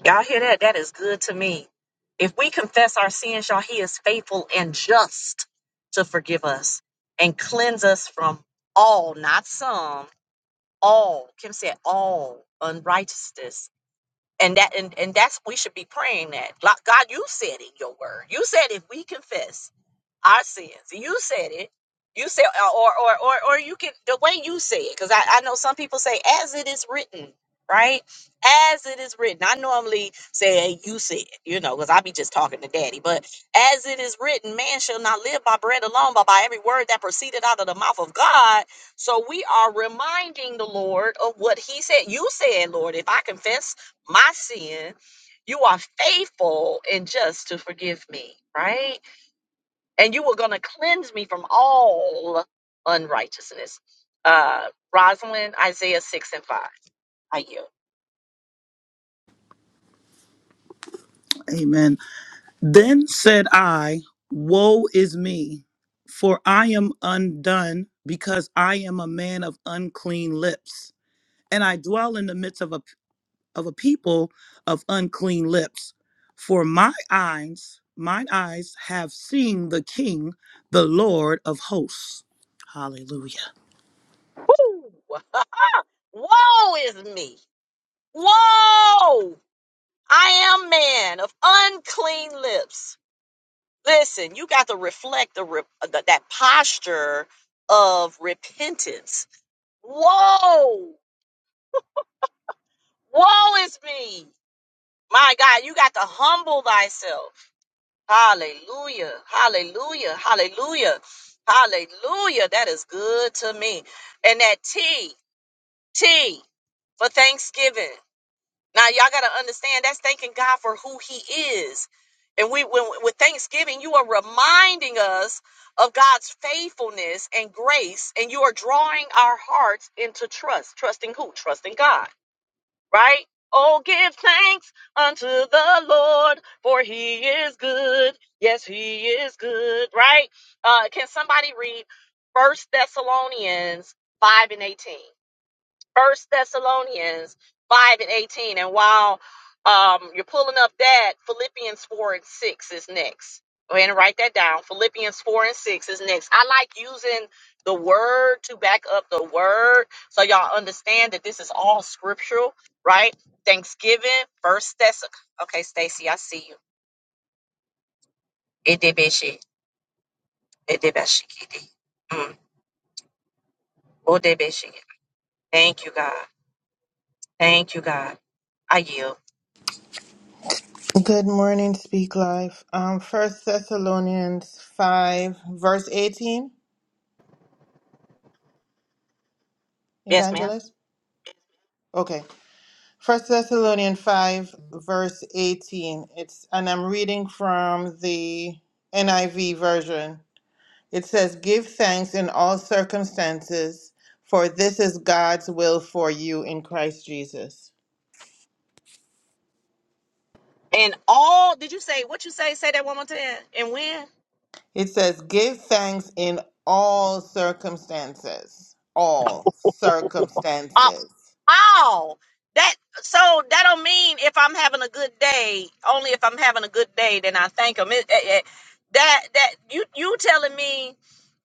S1: Y'all hear that? That is good to me. If we confess our sins, y'all, he is faithful and just to forgive us and cleanse us from all, not some, all. Kim said all unrighteousness. And that and, and that's we should be praying that. Like, God, you said in your word. You said if we confess our sins. You said it. You said, or or or or you can the way you say it, because I, I know some people say as it is written, right? As it is written. I normally say you said, you know, because I be just talking to daddy. But as it is written, man shall not live by bread alone, but by every word that proceeded out of the mouth of God. So we are reminding the Lord of what He said. You said, Lord, if I confess my sin, you are faithful and just to forgive me, right? and you were going to cleanse me from all unrighteousness. Uh, Rosalind, Isaiah 6 and 5. I yield.
S2: Amen. Then said I, Woe is me, for I am undone, because I am a man of unclean lips, and I dwell in the midst of a, of a people of unclean lips. For my eyes, mine eyes have seen the King, the Lord of hosts. Hallelujah.
S1: Woo! Woe is me! Woe! I am man of unclean lips. Listen, you got to reflect the, re- the that posture of repentance. Woe! Woe is me! My God, you got to humble thyself. Hallelujah. Hallelujah. Hallelujah. Hallelujah. That is good to me. And that T, T for Thanksgiving. Now y'all gotta understand that's thanking God for who he is. And we when with Thanksgiving, you are reminding us of God's faithfulness and grace, and you are drawing our hearts into trust. Trusting who? Trusting God right? Oh, give thanks unto the Lord, for he is good. Yes, he is good, right? Uh, can somebody read First Thessalonians 5 and 18? First Thessalonians 5 and 18. And while um, you're pulling up that, Philippians 4 and 6 is next. Go ahead and write that down. Philippians 4 and 6 is next. I like using the word to back up the word so y'all understand that this is all scriptural, right? Thanksgiving, first Thess. Okay, Stacy, I see you. Edebeshe, edebeshekidi. Mm, odebesheki. Thank you, God. Thank you, God. I yield.
S5: Good morning, Speak Life. Um, First Thessalonians five, verse eighteen,
S1: Yes, ma'am.
S5: Evangelist. Okay, First Thessalonians five, verse eighteen. It's and I'm reading from the NIV version. It says, "Give thanks in all circumstances, for this is God's will for you in Christ Jesus."
S1: And all did you say what you say? Say that one more time. And when?
S5: It says, "Give thanks in all circumstances, all
S1: Uh,
S5: circumstances."
S1: all that so that don't mean if I'm having a good day. Only if I'm having a good day, then I thank him. It, it- it- that that you you telling me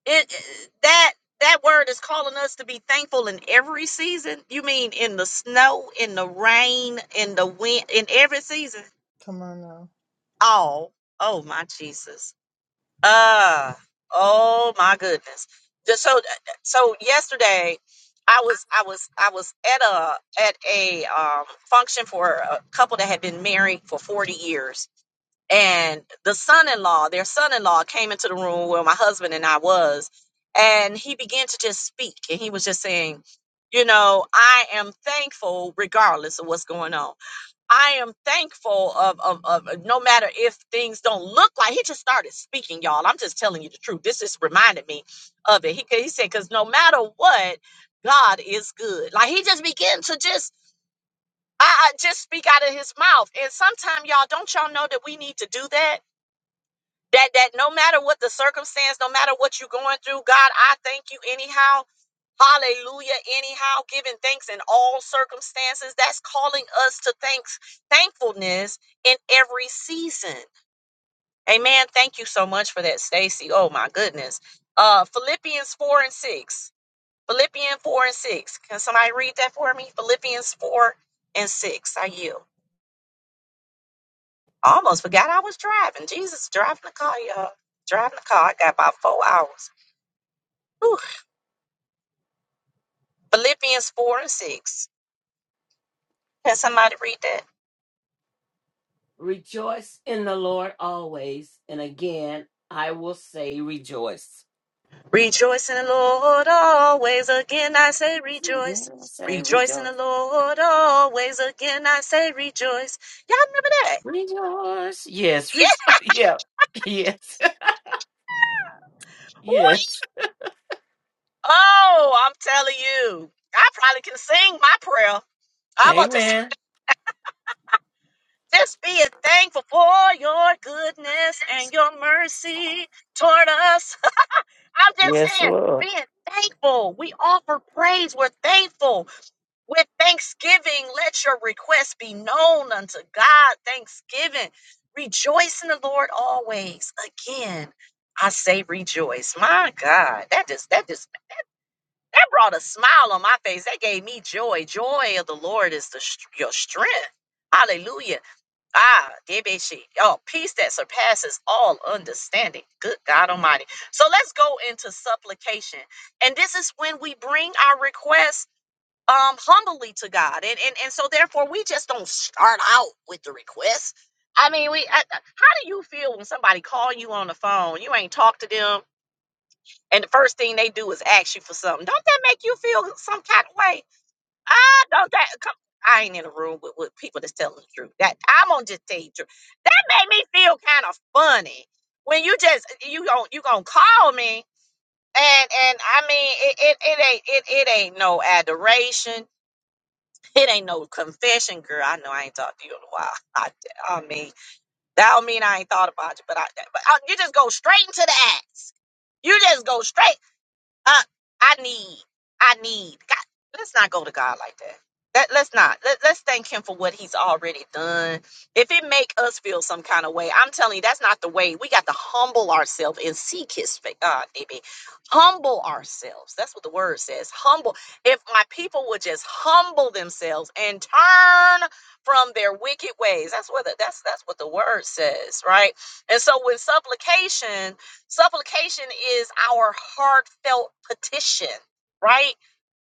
S1: it that that word is calling us to be thankful in every season. You mean in the snow, in the rain, in the wind, in every season?
S5: Come on now.
S1: All. Oh my Jesus. Uh, oh my goodness. Just so so yesterday I was I was I was at a at a um function for a couple that had been married for 40 years and the son-in-law, their son-in-law came into the room where my husband and I was and he began to just speak and he was just saying, you know, I am thankful regardless of what's going on. I am thankful of, of of uh, no matter if things don't look like he just started speaking, y'all. I'm just telling you the truth. This just reminded me of it. He he said, because no matter what, God is good. Like he just began to just I, I just speak out of his mouth. And sometime y'all, don't y'all know that we need to do that? That that no matter what the circumstance, no matter what you're going through, God, I thank you anyhow. Hallelujah. Anyhow, giving thanks in all circumstances. That's calling us to thanks, thankfulness in every season. Amen. Thank you so much for that, Stacy. Oh my goodness. Uh Philippians 4 and 6. Philippians 4 and 6. Can somebody read that for me? Philippians 4 and 6. I yield. I almost forgot I was driving. Jesus, driving the car, y'all. Driving the car. I got about four hours. Whew. Philippians 4 and 6. Can somebody read that?
S4: Rejoice in the Lord always. And again, I will say rejoice.
S1: Rejoice in the Lord always. Again, I say
S4: And again,
S1: rejoice.
S4: I will say
S1: Rejoice in the
S4: rejoice.
S1: Lord always. Again, I say rejoice. Y'all remember that?
S4: Rejoice. Yes. Rejoice.
S1: Yeah.
S4: Yeah. Yes.
S1: Woo.
S4: Yes.
S1: Oh, I'm telling you, I probably can sing my prayer. I'm gonna just,
S4: Amen.
S1: just be thankful for your goodness and your mercy toward us. I'm just
S4: Yes,
S1: saying,
S4: Lord.
S1: being thankful. We offer praise. We're thankful. With thanksgiving, let your requests be known unto God. Thanksgiving. Rejoice in the Lord always. Again, I say rejoice. My God, that just that just that brought a smile on my face. That gave me joy. Joy of the Lord is the str- your strength. Hallelujah. Ah, debeshi. Oh, peace that surpasses all understanding. Good God Almighty. So let's go into supplication. And this is when we bring our requests um humbly to God. And and and so therefore we just don't start out with the request. I mean, we I, I- how do you feel when somebody call you on the phone, you ain't talk to them, and the first thing they do is ask you for something? Don't that make you feel some kind of way? Ah, don't that come I ain't in a room with, with people that's telling the truth. That I'm gonna just tell you the truth. That made me feel kind of funny when you just you gon' you gonna call me and and I mean it it, it ain't it, it ain't no adoration it ain't no confession, girl. I know I ain't talked to you in a while. I, I mean, that don't mean I ain't thought about you, but I, but I, you just go straight into the ass. You just go straight. I, I need, I need. God, let's not go to God like that. That let's not. Let, let's thank Him for what He's already done. If it make us feel some kind of way, I'm telling you, that's not the way. We got to humble ourselves and seek His face. Uh, DB, humble ourselves. That's what the word says. Humble. If my people would just humble themselves and turn from their wicked ways, that's what the, that's that's what the word says, right? And so, with supplication Supplication is our heartfelt petition, right?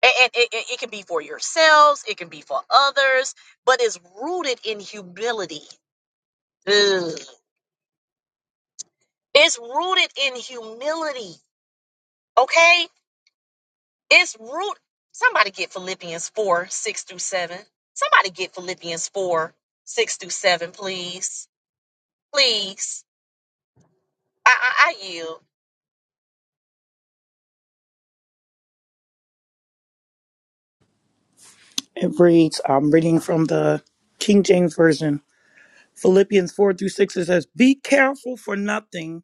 S1: And, and it, it it can be for yourselves, it can be for others, but it's rooted in humility. Ugh. It's rooted in humility, okay? It's root. Somebody get Philippians 4 6 through 7. Somebody get Philippians 4 6 through 7, please. Please. I, I, I yield.
S2: It reads, I'm reading from the King James Version. Philippians 4 through 6, it says, Be careful for nothing,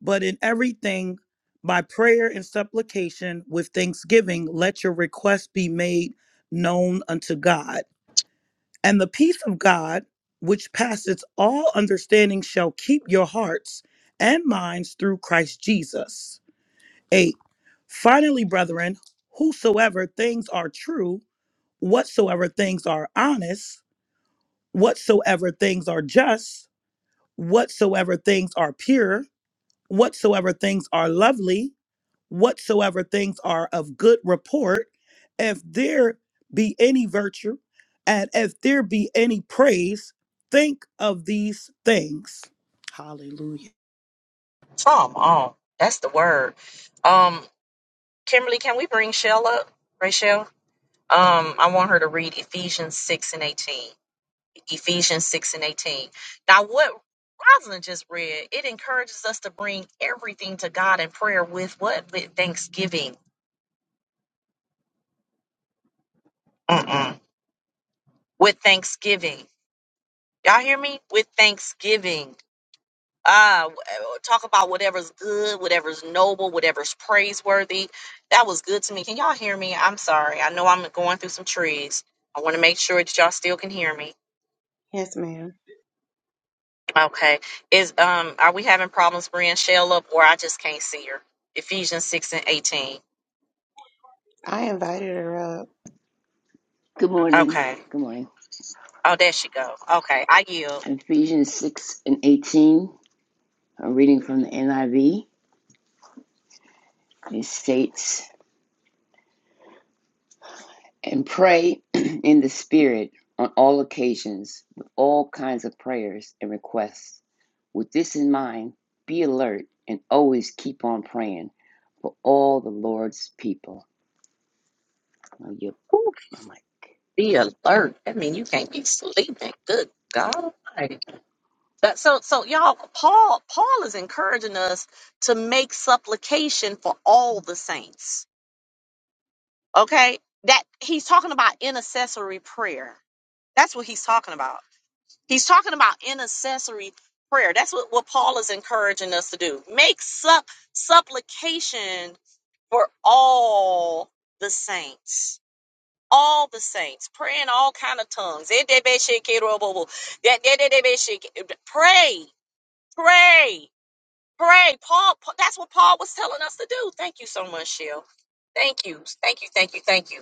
S2: but in everything, by prayer and supplication with thanksgiving, let your requests be made known unto God. And the peace of God, which passeth all understanding, shall keep your hearts and minds through Christ Jesus. 8. Finally, brethren, whosoever things are true, whatsoever things are honest, whatsoever things are just, whatsoever things are pure, whatsoever things are lovely, whatsoever things are of good report, if there be any virtue, and if there be any praise, think of these things. Hallelujah.
S1: Come on. That's the word. Um, Kimberly, can we bring Shell up? Rachel? um, I want her to read Ephesians 6 and 18. Ephesians 6 and 18. Now, what Rosalind just read, it encourages us to bring everything to God in prayer with what? With thanksgiving. Mm-mm. With thanksgiving. Y'all hear me? With thanksgiving. Ah, talk about whatever's good, whatever's noble, whatever's praiseworthy. That was good to me. Can y'all hear me? I'm sorry. I know I'm going through some trees. I want to make sure that y'all still can hear me.
S3: Yes, ma'am.
S1: Okay. Is um are we having problems bringing Shell up or I just can't see her? Ephesians 6 and 18.
S3: I invited her up.
S6: Good morning.
S1: Okay.
S6: Good morning.
S1: Oh, there she go. Okay. I yield.
S6: Ephesians 6 and 18. I'm reading from the NIV. It states, And pray in the Spirit on all occasions with all kinds of prayers and requests. With this in mind, be alert and always keep on praying for all the Lord's people. I'll you, my mic.
S1: Be alert. I mean, you can't be sleeping. Good God. Almighty. That, so, so y'all, Paul, Paul is encouraging us to make supplication for all the saints. Okay. That he's talking about intercessory prayer. That's what he's talking about. He's talking about intercessory prayer. That's what, what Paul is encouraging us to do. Make sup, supplication for all the saints. All the saints. Pray in all kind of tongues. Pray. Pray. Pray. Paul, Paul- that's what Paul was telling us to do. Thank you so much, Shell. Thank you. Thank you. Thank you. Thank you.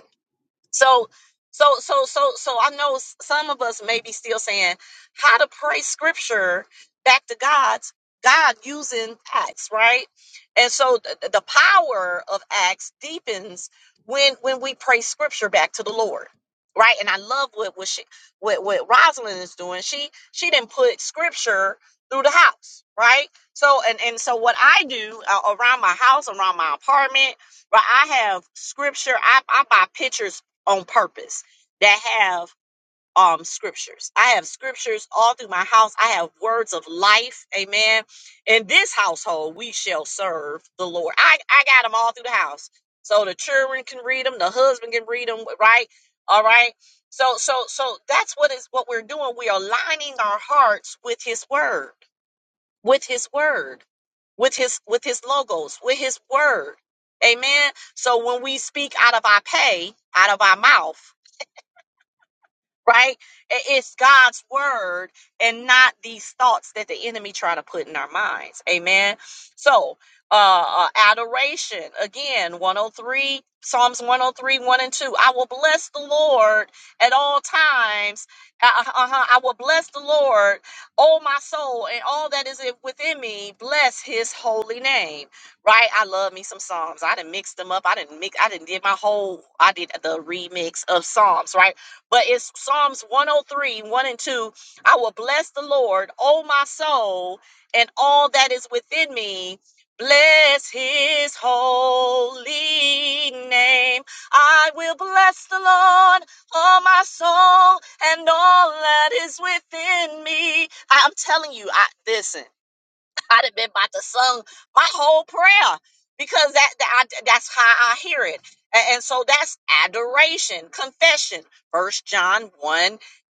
S1: So, so, so, so, so I know s- some of us may be still saying how to pray scripture back to God's God using acts, right? And so th- th- the power of acts deepens when when we pray scripture back to the Lord, right? And I love what what she what what Rosalind is doing. She she didn't put scripture through the house, right? So and and so what I do uh, around my house, around my apartment, but I have scripture. I, I buy pictures on purpose that have um scriptures. I have scriptures all through my house. I have words of life. Amen. In this household, we shall serve the Lord. I, I got them all through the house. So the children can read them, the husband can read them, right? All right. So so so that's what is what we're doing. We are lining our hearts with his word, with his word, with his with his logos, with his word. Amen. So when we speak out of our pay, out of our mouth, right? I- It's God's word and not these thoughts that the enemy try to put in our minds. Amen. So, uh, uh adoration again, 103 Psalms 103, 1 and 2. I will bless the Lord at all times. Uh, uh, uh-huh. I will bless the Lord, oh my soul, and all that is within me. Bless His holy name, right? I love me some Psalms. I didn't mix them up. I didn't mix. I didn't did my whole. I did the remix of Psalms, right? But it's Psalms 103, 1 and 2. I will bless the Lord, O my soul, and all that is within me. Bless his holy name. I will bless the Lord, O my soul, and all that is within me. I- I'm telling you, I listen. I'd have been about to sung my whole prayer because that, that I, that's how I hear it. A- And, so that's adoration, confession. First John 1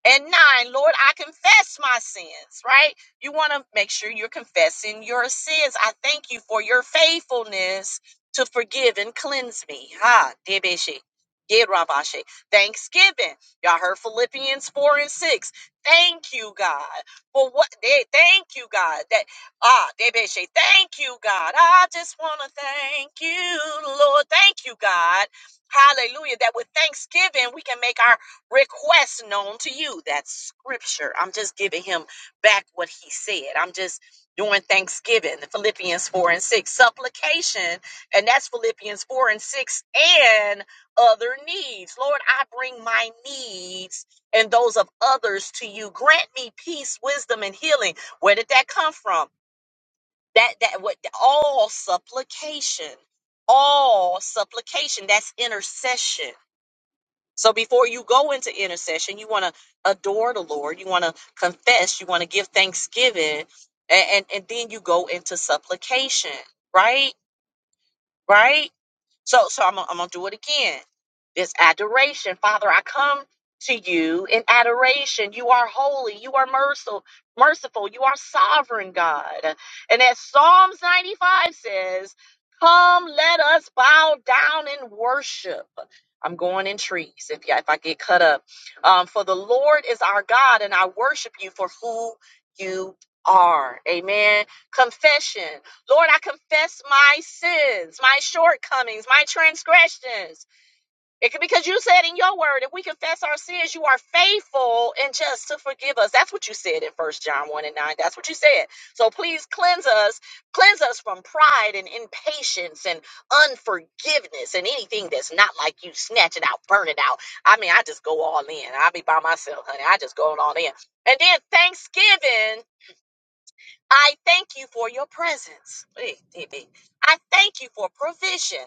S1: and 9. Lord, I confess my sins, right? You want to make sure you're confessing your sins. I thank you for your faithfulness to forgive and cleanse me. Ha, debeshi. Did Rabashe. Thanksgiving. Y'all heard Philippians 4 and 6. Thank you, God for what they thank you, God. That Ah, David Shay, thank you, God. I just want to thank you, Lord. Thank you, God. Hallelujah. That with thanksgiving, we can make our requests known to you. That's scripture. I'm just giving him back what he said. I'm just doing thanksgiving. Philippians 4 and 6. Supplication, and that's Philippians 4 and 6, and other needs. Lord, I bring my needs and those of others to you. Grant me peace, wisdom, and healing. Where did that come from? that that what all supplication all supplication that's intercession so before you go into intercession you want to adore the lord you want to confess you want to give thanksgiving and, and and then you go into supplication right right so, so I'm gonna, I'm gonna do it again. This adoration, Father, I come to you in adoration. You are holy. You are merciful. Merciful. You are sovereign, God. And as Psalms 95 says, "Come, let us bow down and worship." I'm going in trees if yeah, if I get cut up. Um, for the Lord is our God, and I worship you for who you are. Amen. Confession. Lord, I confess my sins, my shortcomings, my transgressions. It could because you said in your word, if we confess our sins, you are faithful and just to forgive us. That's what you said in First John 1 and 9. That's what you said. So please cleanse us, cleanse us from pride and impatience and unforgiveness and anything that's not like you. Snatch it out, burn it out. I mean, I just go all in. I be by myself, honey. I just go all in. And then thanksgiving. I thank you for your presence. Hey, DB. I thank you for provision.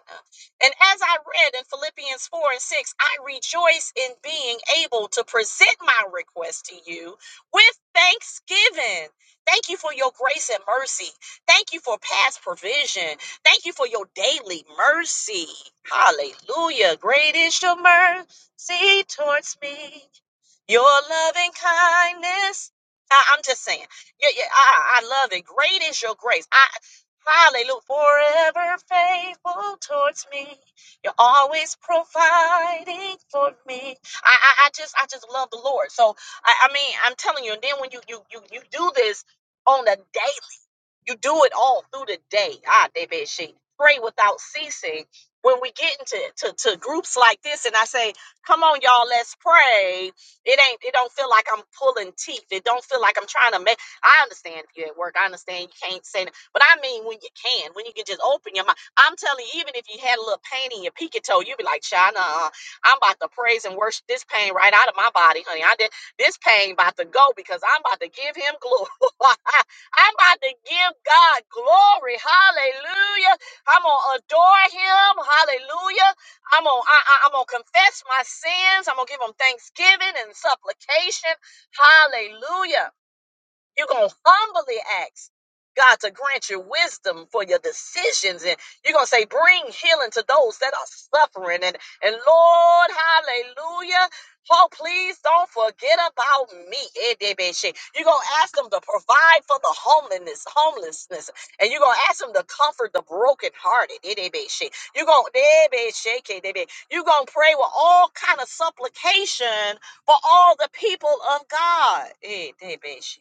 S1: And as I read in Philippians 4 and 6, I rejoice in being able to present my request to you with thanksgiving. Thank you for your grace and mercy. Thank you for past provision. Thank you for your daily mercy. Hallelujah. Great is your mercy towards me. Your loving kindness. I, am just saying. Yeah, yeah, I, I love it. Great is your grace. I hallelujah. Forever faithful towards me. You're always providing for me. I, I, I just I just love the Lord. So I, I mean I'm telling you, and then when you you you you do this on a daily you do it all through the day. Ah, they bet she pray without ceasing. When we get into to, to groups like this, and I say, "Come on, y'all, let's pray." It ain't. It don't feel like I'm pulling teeth. It don't feel like I'm trying to make. I understand if you're at work. I understand you can't say, that, but I mean when you can, when you can just open your mouth. I'm telling you, even if you had a little pain in your pinky toe, you'd be like, "Shana, I'm about to praise and worship this pain right out of my body, honey. I did this pain about to go because I'm about to give him glory." I'm about to give God glory. Hallelujah. I'm going to adore him. Hallelujah. I'm going to I, I, I'm going to confess my sins. I'm going to give him thanksgiving and supplication. Hallelujah. You're going to humbly ask God to grant you wisdom for your decisions. And you're going to say, bring healing to those that are suffering. And, and Lord, hallelujah. Oh, please don't forget about me. Eh, de- be- she. You're going to ask them to provide for the homelessness, homelessness. And you're going to ask them to comfort the brokenhearted. Eh, de- be- she. You're going to you gonna pray with all kind of supplication for all the people of God. Eh, de- be- she.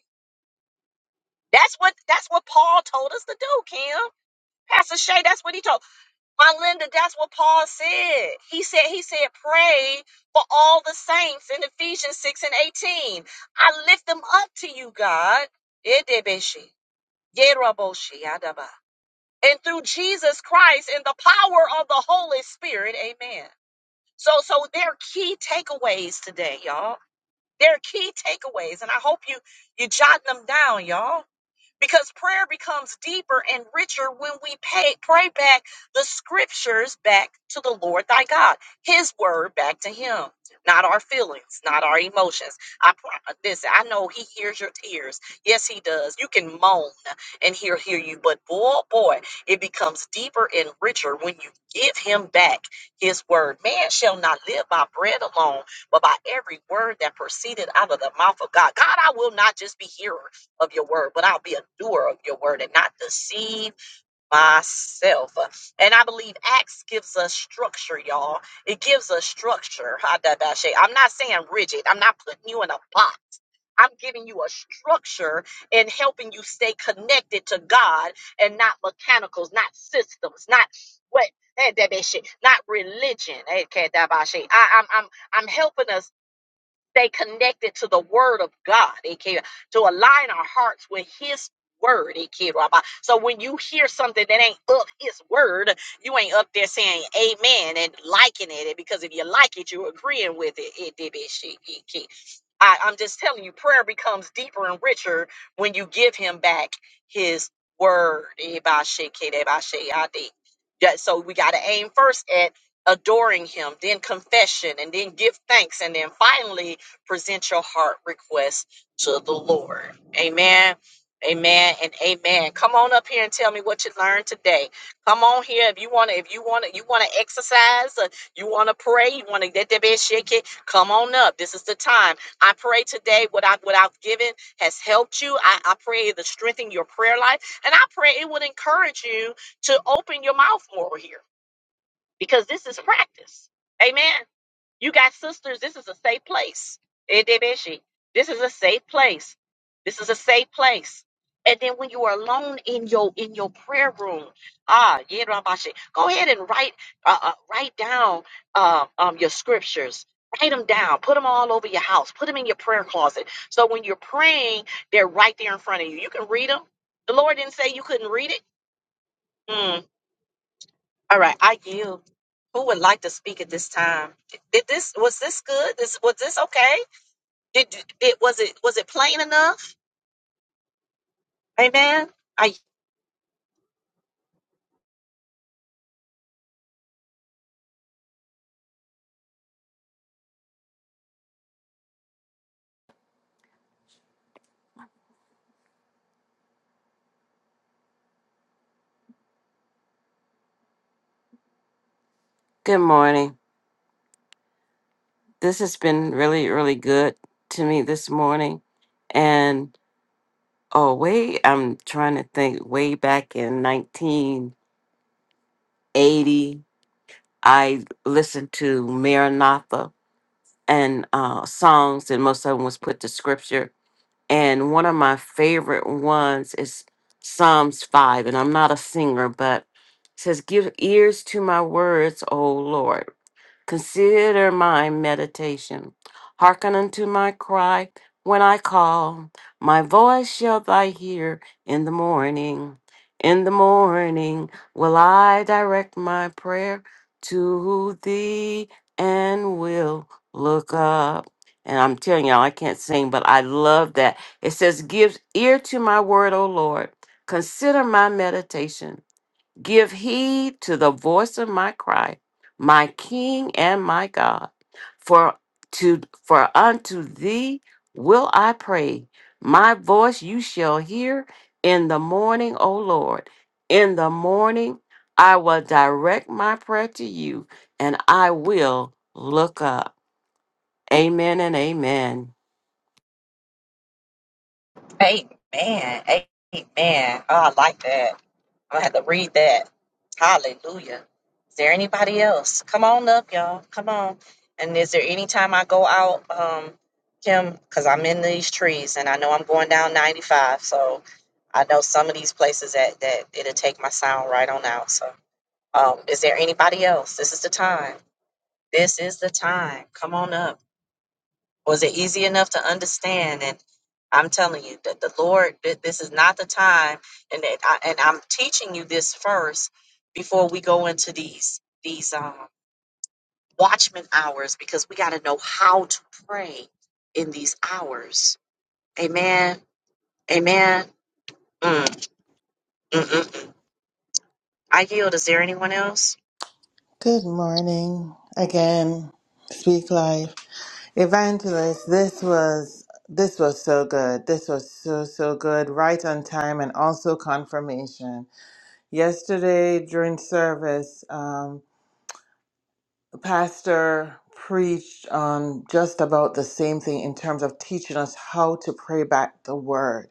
S1: That's what that's what Paul told us to do, Kim. Pastor Shay, that's what he told. My Linda, that's what Paul said. He said he said pray for all the saints in Ephesians 6 and 18. I lift them up to you, God. Edebeshi, yeraboshi, adaba. And through Jesus Christ and the power of the Holy Spirit, amen. So so there are key takeaways today, y'all. There are key takeaways, and I hope you you jot them down, y'all because prayer becomes deeper and richer when we pay, pray back the scriptures back to the Lord thy God, his word back to him, not our feelings, not our emotions. I pro- listen, I know he hears your tears. Yes, he does. You can moan and he'll hear you, but boy, boy, it becomes deeper and richer when you give him back his word. Man shall not live by bread alone, but by every word that proceeded out of the mouth of God. God, I will not just be hearers of your word, but I'll be a doer of your word and not deceive myself. And I believe Acts gives us structure, y'all. It gives us structure. Hadabashe. I'm not saying rigid, I'm not putting you in a box. I'm giving you a structure and helping you stay connected to God and not mechanicals, not systems, not what. Hadabashe, Not religion. Hadabashe. I, I'm, I'm, I'm helping us stay connected to the word of God, aka, to align our hearts with his word, aka, Rabbi. So when you hear something that ain't of his word, you ain't up there saying amen and liking it eh, because if you like it, you're agreeing with it. It did It she, Ikea. I, I'm just telling you, prayer becomes deeper and richer when you give him back his word. Ebashe, Yeah, So we got to aim first at adoring him, then confession, and then give thanks, and then finally present your heart request to the Lord. Amen. Amen and amen. Come on up here and tell me what you learned today. Come on here if you wanna, if you wanna, you wanna exercise, uh, you wanna pray, you wanna get that bed shaking. Come on up. This is the time. I pray today what I what I've given has helped you. I, I pray it to strengthen your prayer life. And I pray it would encourage you to open your mouth more here because this is practice. Amen. You got sisters. This is a safe place. Edebeshi. This is a safe place. This is a safe place. And then when you are alone in your in your prayer room, ah, Yedrabashi, go ahead and write uh, uh, write down uh, um, your scriptures. Write them down. Put them all over your house. Put them in your prayer closet. So when you're praying, they're right there in front of you. You can read them. The Lord didn't say you couldn't read it. Mm. All right, I yield. Who would like to speak at this time? Did this was this good? This was this okay? Did it was it was it plain enough? Amen. I
S4: Good morning. This has been really, really good to me this morning. And oh, way, I'm trying to think way back in 1980, I listened to Maranatha and uh, songs, and most of them was put to scripture. And one of my favorite ones is Psalms 5. And I'm not a singer, but it says, Give ears to my words, O Lord Consider my meditation. Hearken unto my cry when I call. My voice shall thy hear in the morning. In the morning will I direct my prayer to thee and will look up. And I'm telling y'all, I can't sing, but I love that. It says, Give ear to my word, O Lord. Consider my meditation. Give heed to the voice of my cry, my King and my God. For to for unto thee will I pray. My voice you shall hear in the morning, O Lord. In the morning I will direct my prayer to you, and I will look up. Amen and amen.
S1: Amen. Amen. Oh, I like that. I'm gonna have to read that. Hallelujah. Is there anybody else? Come on up, y'all. Come on. And is there any time I go out, um, Kim? Because I'm in these trees and I know I'm going down 95. So I know some of these places that that it'll take my sound right on out. So Um, is there anybody else? This is the time. This is the time. Come on up. Was it easy enough to understand? And I'm telling you that the Lord, that this is not the time, and that I, and I'm teaching you this first before we go into these these um, watchman hours because we got to know how to pray in these hours. Amen. Amen. Mm, mm, mm. mm. I yield. Is there anyone else?
S5: Good morning again. Speak life, evangelist. This was this was so good. This was so so good. Right on time and also confirmation. Yesterday during service, um, pastor preached on just about the same thing in terms of teaching us how to pray back the word.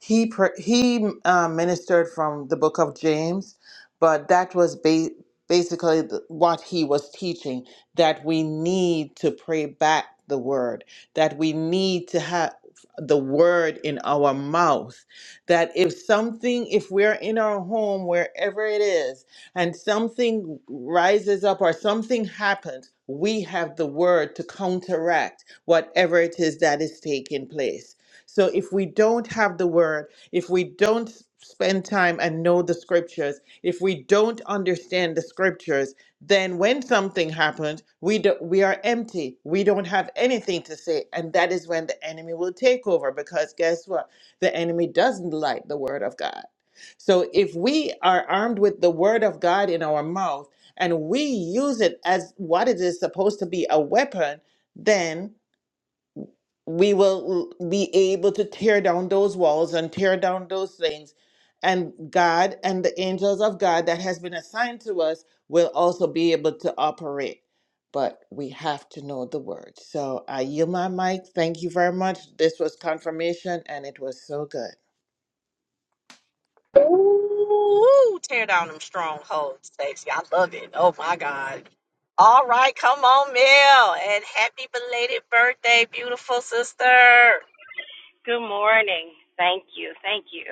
S5: He pr- he uh, ministered from the book of James, but that was ba- basically the, what he was teaching that we need to pray back the word, that we need to have the word in our mouth that if something if we're in our home wherever it is and something rises up or something happens, we have the word to counteract whatever it is that is taking place. So if we don't have the word, if we don't s- spend time and know the scriptures, if we don't understand the scriptures, then when something happens, we do, we are empty. We don't have anything to say, and that is when the enemy will take over because guess what? The enemy doesn't like the word of God. So if we are armed with the word of God in our mouth and we use it as what it is supposed to be a weapon, then we will be able to tear down those walls and tear down those things. And God and the angels of God that has been assigned to us will also be able to operate. But we have to know the word. So I yield my mic. Thank you very much. This was confirmation and it was so good.
S1: Ooh, tear down them strongholds, Stacey. I love it. Oh my God. All right, come on, Mel. And happy belated birthday, beautiful sister.
S7: Good morning. Thank you. Thank you.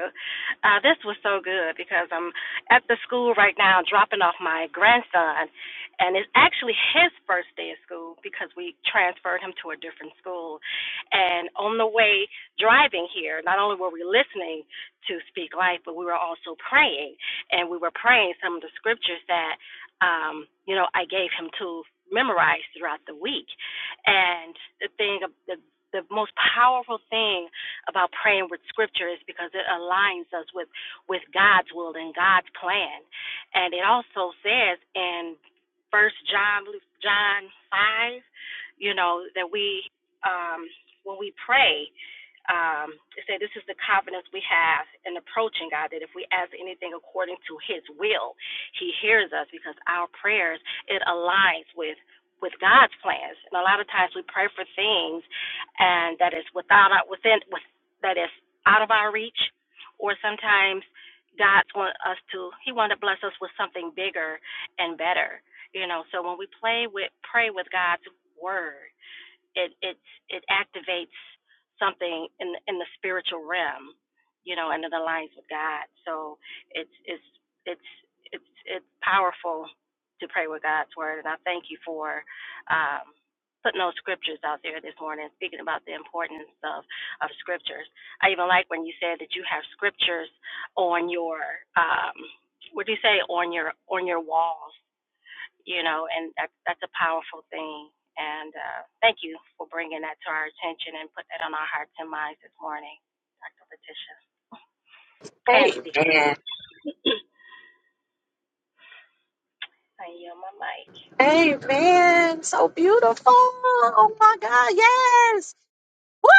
S7: Uh, this was so good because I'm at the school right now dropping off my grandson, and it's actually his first day of school because we transferred him to a different school. And on the way driving here, not only were we listening to Speak Life, but we were also praying, and we were praying some of the scriptures that, um, you know, I gave him to memorize throughout the week. And the thing, the the most powerful thing about praying with scripture is because it aligns us with with God's will and God's plan. And it also says in First John John five, you know that we um, when we pray. Um, it say this is the confidence we have in approaching God that if we ask anything according to His will, He hears us because our prayers it aligns with with God's plans. And a lot of times we pray for things and that is without our, within that is out of our reach, or sometimes God's want us to. He wanted to bless us with something bigger and better, you know. So when we play with, pray with God's word, it it it activates something in in the spiritual realm, you know, and it aligns with God. So it's it's it's it's it's powerful to pray with God's word, and I thank you for um, putting those scriptures out there this morning, speaking about the importance of of scriptures. I even like when you said that you have scriptures on your um, what do you say on your on your walls you know, and that, that's a powerful thing. And uh, thank you for bringing that to our attention and put that on our hearts and minds this morning, Dr. Patricia. And Steve.
S1: Amen.
S7: I yield my mic.
S1: Amen. So beautiful. Oh my God. Yes. Woo!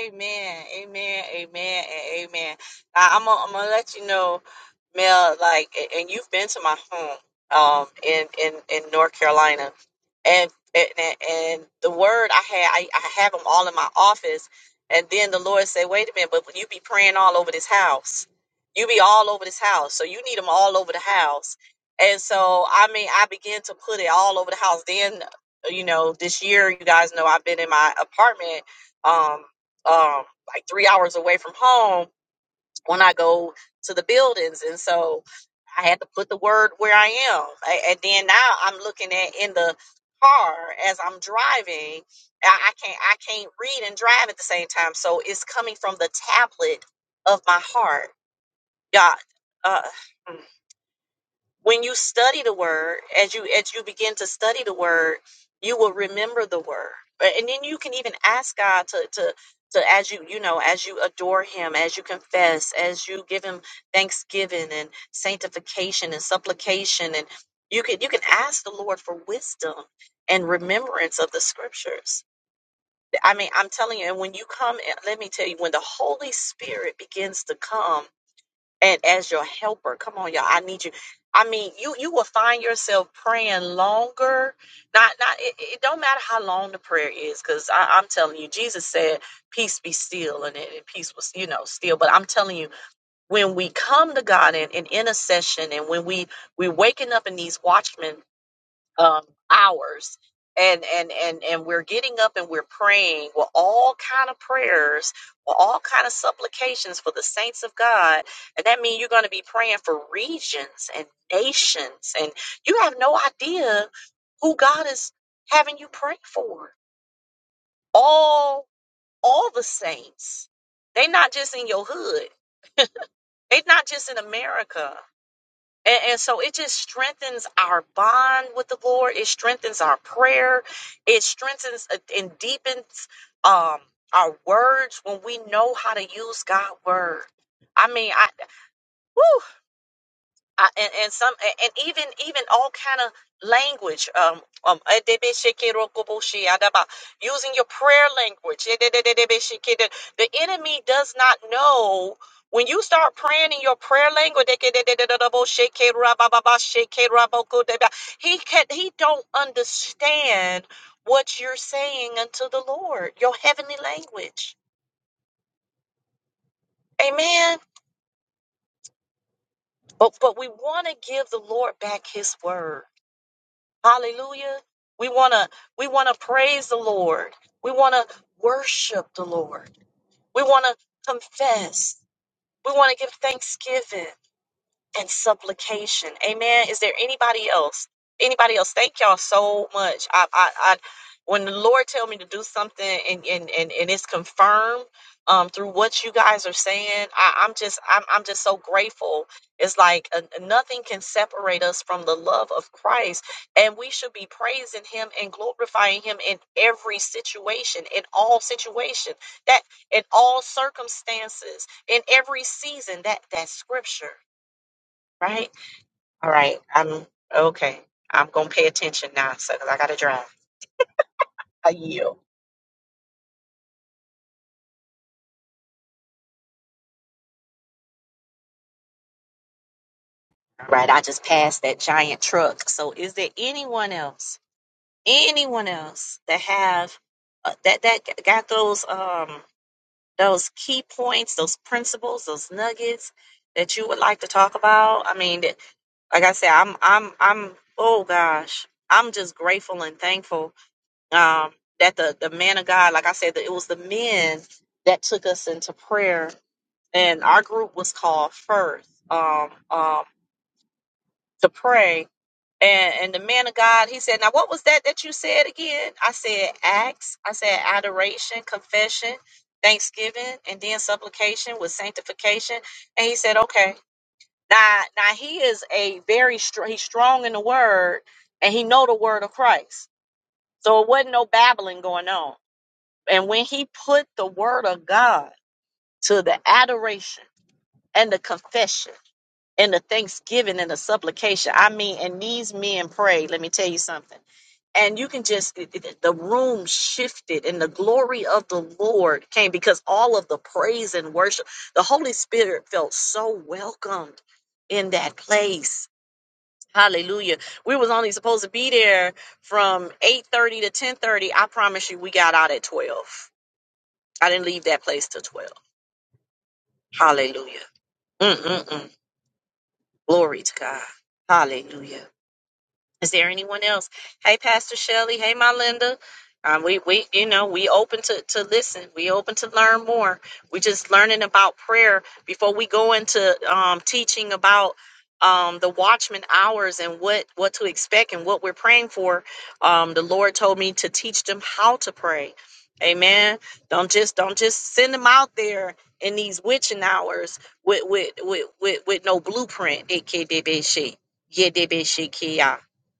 S1: Amen. Amen. Amen. And amen. I, I'm gonna I'm gonna let you know, Mel. Like, a- and you've been to my home, um, in in in North Carolina, and and and and the word I had, I, I have them all in my office, and then the Lord said, "Wait a minute, but you be praying all over this house. You be all over this house, so you need them all over the house." And so, I mean, I began to put it all over the house. Then, you know, this year, you guys know I've been in my apartment um, um, like three hours away from home when I go to the buildings. And so I had to put the word where I am. A- And then now I'm looking at in the car as I'm driving. I I can't I can't read and drive at the same time. So it's coming from the tablet of my heart. God. Uh, mm when you study the word as you as you begin to study the word you will remember the word But- and then you can even ask god to to to as you you know as you adore him as you confess as you give him thanksgiving and sanctification and supplication and you can you can ask the lord for wisdom and remembrance of the scriptures i mean i'm telling you and when you come let me tell you when the holy spirit begins to come and as your helper. Come on, y'all. I need you. I mean, you you will find yourself praying longer. Not not it, it don't matter how long the prayer is, because I'm telling you, Jesus said, "Peace be still," and, it, and peace was you know still. But I'm telling you, when we come to God in, in intercession, and when we we waking up in these watchmen um, hours and and and and we're getting up and we're praying with all kind of prayers with all kind of supplications for the saints of god and that means you're going to be praying for regions and nations and you have no idea who god is having you pray for all all the saints they're not just in your hood they're not just in america and, and so it just strengthens our bond with the Lord. It strengthens our prayer. It strengthens uh, and deepens um, our words when we know how to use God's word. I mean, I woo! I, and, and some and even even all kind of language um um using your prayer language the enemy does not know when you start praying in your prayer language he can he don't understand what you're saying unto the lord your heavenly language amen but but we want to give the lord back his word Hallelujah. We want to we want to praise the Lord. We want to worship the Lord. We want to confess. We want to give thanksgiving and supplication. Amen. Is there anybody else? Anybody else? Thank y'all so much. I, I, I when the Lord tell me to do something and and and, and it's confirmed um through what you guys are saying, I, I'm just I'm I'm just so grateful. It's like uh, nothing can separate us from the love of Christ, and we should be praising Him and glorifying Him in every situation, in all situation, that in all circumstances, in every season. That that scripture, right? All right. I'm okay. I'm gonna pay attention now, so because I gotta drive. I yield. All right. I just passed that giant truck. So, is there anyone else? Anyone else that have uh, that that got those um those key points, those principles, those nuggets that you would like to talk about? I mean, that- like I said, I'm I'm I'm oh gosh, I'm just grateful and thankful um that the the man of God, like I said, that it was the men that took us into prayer and our group was called First um, um, to pray. And, and the man of God, he said, "Now what was that that you said again?" I said, "Acts." I said, "Adoration, confession, thanksgiving, and then supplication with sanctification." And he said, "Okay." Now, now he is a very strong. He's strong in the word, and he know the word of Christ. So it wasn't no babbling going on. And when he put the word of God to the adoration and the confession and the thanksgiving and the supplication. I mean, and these men prayed. Let me tell you something. And you can just, it- it- the room shifted and the glory of the Lord came because all of the praise and worship, the Holy Spirit felt so welcomed in that place. Hallelujah. We was only supposed to be there from 8.30 to 10.30. I promise you, we got out at 12. I didn't leave that place till 12. Hallelujah. Mm-mm-mm. Glory to God. Hallelujah. Is there anyone else? Hey, Pastor Shelley. Hey, my Linda. Um, we we you know we open to to listen. We open to learn more. We just learning about prayer before we go into um, teaching about um, the watchman hours and what what to expect and what we're praying for. Um, the Lord told me to teach them how to pray. Amen. Don't just don't just send them out there in these witching hours with with with with, with no blueprint. It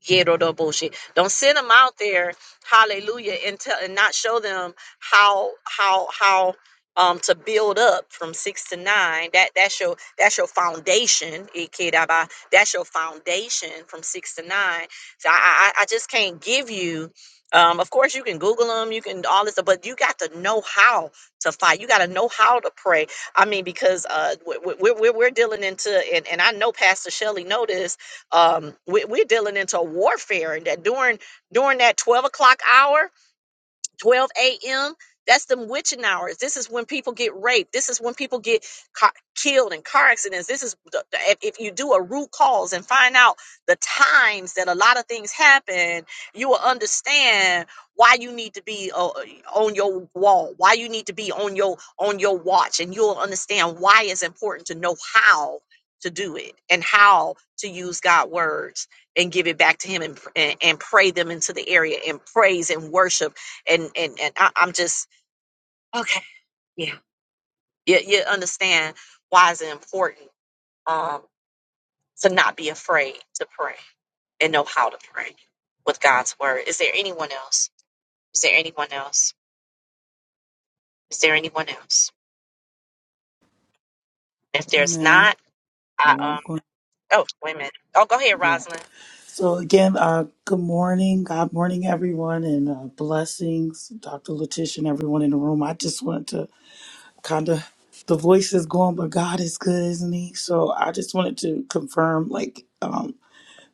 S1: Yerodoboshi. Don't send them out there, hallelujah, and tell and not show them how how how um to build up from six to nine. That that's your that's your foundation, Ikedaba. That's your foundation from six to nine. So I I, I just can't give you um, of course, you can Google them, you can all this, stuff, but you got to know how to fight. You got to know how to pray. I mean, because uh, we're, we're, we're dealing into, and, and I know Pastor Shelley noticed. Um, we, we're dealing into warfare, and that during during that twelve o'clock hour, 12 a.m. That's them witching hours. This is when people get raped. This is when people get ca- killed in car accidents. This is the, the- if, if you do a root cause and find out the times that a lot of things happen, you will understand why you need to be uh, uh, on your wall, why you need to be on your on your watch, and you'll understand why it's important to know how to do it and how to use God words and give it back to Him and, and, and pray them into the area and praise and worship and and and I, I'm just okay. Yeah, you you understand why is it important um to not be afraid to pray and know how to pray with God's word. Is there anyone else? Is there anyone else? Is there anyone else? If there's
S2: Amen.
S1: not, I
S2: Oh, I'm
S1: um
S2: going.
S1: oh wait a minute. Oh, go ahead,
S2: Yeah.
S1: Rosalind.
S2: So again, uh, good morning. God morning, everyone, and uh, blessings, Dr. Letitia, and everyone in the room. I just wanted to kind of the voice is going, but God is good, isn't He? So I just wanted to confirm, like, um,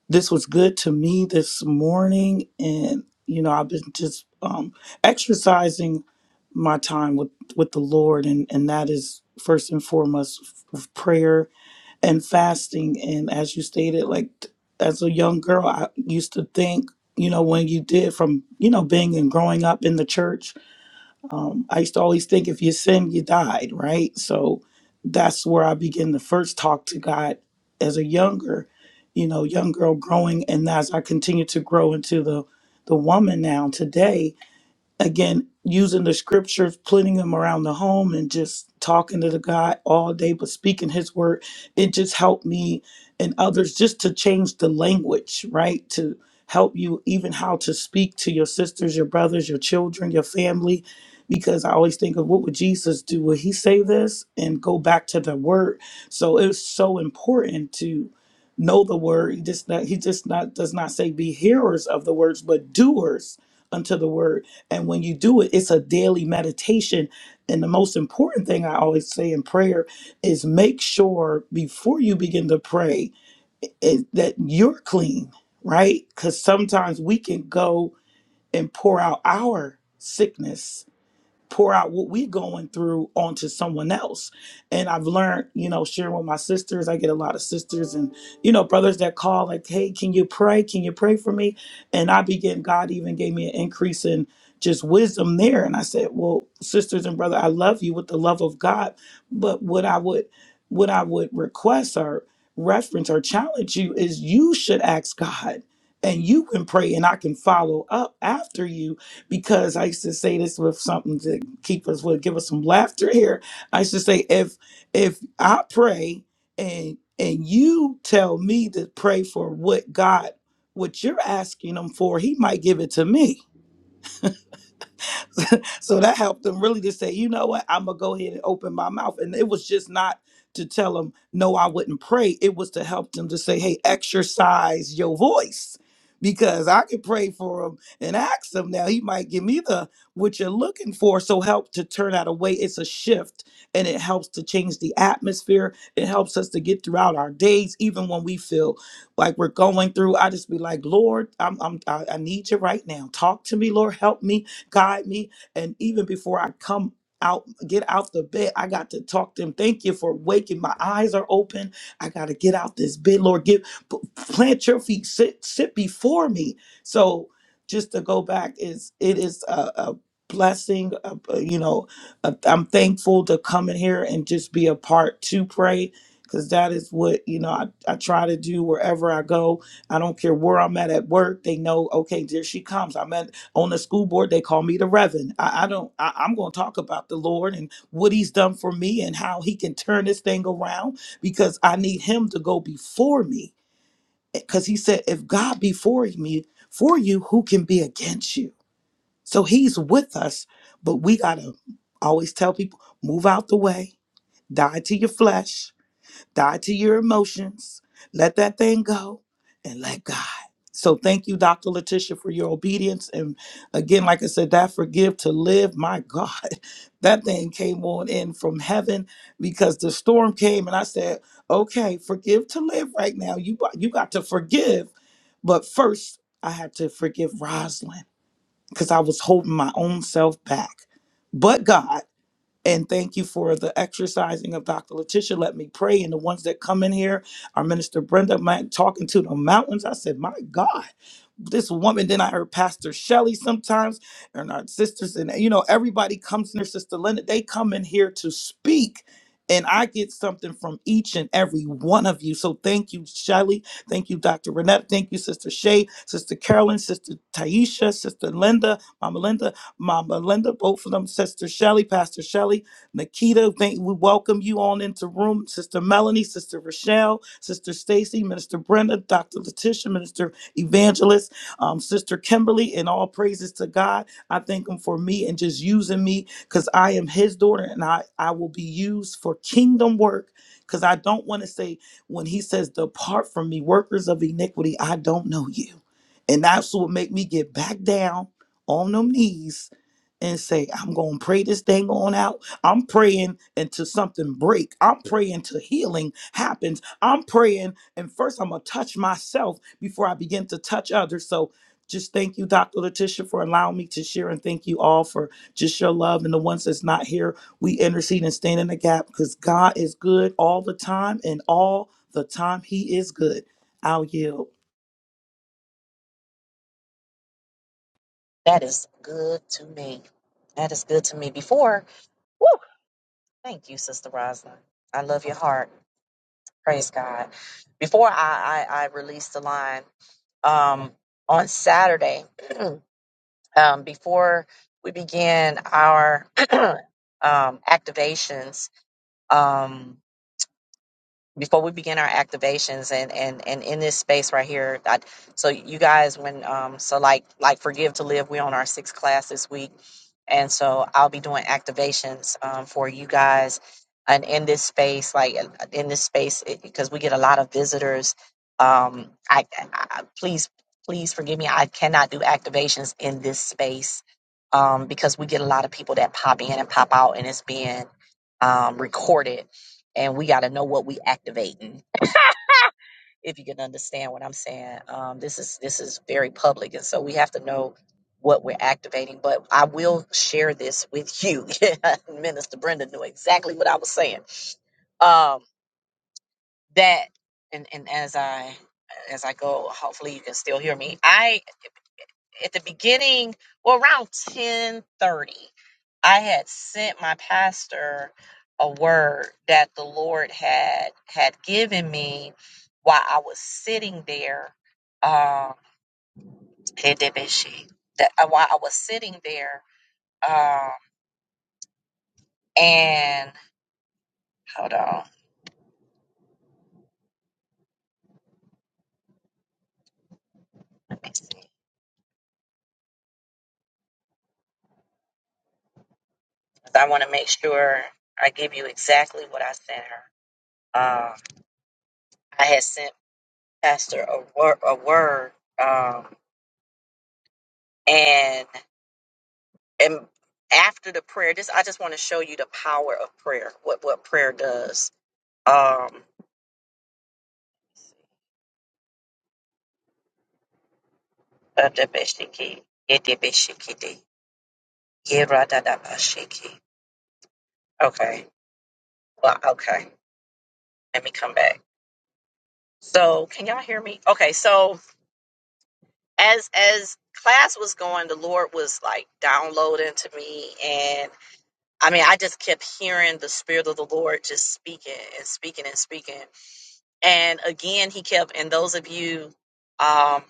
S2: this was good to me this morning, and you know, I've been just um, exercising my time with with the Lord, and and that is first and foremost f- prayer and fasting. And as you stated, like t- as a young girl, I used to think, you know, when you did from you know being and growing up in the church um, I used to always think if you sin, you died, right? So that's where I began to first talk to God as a younger, you know, young girl growing. And as I continue to grow into the, the woman now today, again using the scriptures putting them around the home and just talking to the guy all day but speaking his word it just helped me and others just to change the language right to help you even how to speak to your sisters your brothers your children your family because i always think of what would jesus do would he say this and go back to the word so it's so important to know the word he just not he just not does not say be hearers of the words but doers unto the word and when you do it, it's a daily meditation. And the most important thing I always say in prayer is make sure before you begin to pray is that you're clean, right? Because sometimes we can go and pour out our sickness pour out what we going through onto someone else. And I've learned, you know, sharing with my sisters, I get a lot of sisters and, you know, brothers that call like, hey, can you pray? Can you pray for me? And I began, God even gave me an increase in just wisdom there. And I said, well, sisters and brother, I love you with the love of God. But what I would, what I would request or reference or challenge you is you should ask God and you can pray and I can follow up after you because I used to say this with something to keep us would give us some laughter here. I used to say if if I pray and and you tell me to pray for what God what you're asking him for, he might give it to me so that helped them really to say, you know what, I'm gonna go ahead and open my mouth. And it was just not to tell them, no, I wouldn't pray. It was to help them to say, hey, exercise your voice. Because I could pray for him and ask him now. He might give me the what you're looking for. So help to turn that away. It's a shift and it helps to change the atmosphere. It helps us to get throughout our days, even when we feel like we're going through. I just be like, Lord, I'm, I'm I, I need you right now. Talk to me, Lord. Help me, guide me and even before I come out, get out the bed, I got to talk to him. Thank you for waking. My eyes are open. I got to get out this bed. Lord, give, p- plant your feet, sit, sit before me. So just to go back is it is a, a blessing. uh uh, you know, uh, I'm thankful to come in here and just be a part to pray. Cause that is what you know. I, I try to do wherever I go. I don't care where I'm at at work. They know, okay, there she comes. I'm at on the school board they call me the reverend i, I don't I, i'm going to talk about the lord and what he's done for me and how he can turn this thing around because i need him to go before me because he said if god be for me for you who can be against you so he's with us but we gotta I always tell people move out the way die to your flesh die to your emotions, let that thing go, and let God. So thank you, Dr. Letitia, for your obedience. And again, like I said, that forgive to live, my God, that thing came on in from heaven because the storm came and I said, okay, forgive to live right now. You, got- you got to forgive. But first, I had to forgive Rosalind because I was holding my own self back. But God. And thank you for the exercising of Dr. Letitia. Let me pray. And the ones that come in here, our minister Brenda, man, talking to the mountains. I said, my God this woman. Then I heard Pastor Shelley sometimes, and our sisters, and you know, everybody comes in here, Sister Linda, they come in here to speak. And I get something from each and every one of you. So thank you, Shelley. Thank you, Dr. Renette. Thank you, Sister Shay, Sister Carolyn, Sister Taisha, Sister Linda, Mama Linda, Mama Linda, both of them, Sister Shelley, Pastor Shelley, Nikita. Thank, we welcome you on into room, Sister Melanie, Sister Rochelle, Sister Stacy, Minister Brenda, Dr. Letitia, Minister Evangelist um, Sister Kimberly, and all praises to God. I thank Him for me and just using me because I am His daughter and I, I will be used for kingdom work. Because I don't want to say, when He says, Depart from me, workers of iniquity, I don't know you. And that's what make me get back down on them knees and say, I'm going to pray this thing on out. I'm praying until something break. I'm praying till healing happens. I'm praying and first I'm going to touch myself before I begin to touch others. So just thank you, Dr. Letitia, for allowing me to share, and thank you all for just your love. And the ones that's not here, we intercede and stand in the gap because God is good all the time, and all the time He is good. I'll yield.
S1: That is good to me. That is good to me. Before, woo, thank you, Sister Rosalind. I love your heart. Praise God. Before I, I, I release the line, um, on Saturday um, before we began our um, activations. Um, before we begin our activations and and and in this space right here I, so you guys when um so like like forgive to live we're on our sixth class this week and so i'll be doing activations um, for you guys and in this space like uh, in this space because we get a lot of visitors um I, I please please forgive me i cannot do activations in this space um because we get a lot of people that pop in and pop out and it's being um recorded and we got to know what we activating if you can understand what i'm saying um, this is this is very public and so we have to know what we're activating but i will share this with you minister brenda knew exactly what i was saying um, that and, and as i as i go hopefully you can still hear me i at the beginning, well, around ten thirty, I had sent my pastor a word that the Lord had had given me while I was sitting there. Um, Edebeshi, that uh, while I was sitting there, um, and hold on, let me see. 'Cause I want to make sure I give you exactly what I sent her. Um, I had sent Pastor a word, a word, um, and and after the prayer this i just want to show you the power of prayer what what prayer does um Adabashiki, Yedibishikidi, Yeradadabashiki. okay well okay let me come back so can y'all hear me okay so as as class was going the lord was like downloading to me and i mean i just kept hearing the spirit of the lord just speaking and speaking and speaking and again he kept and those of you um.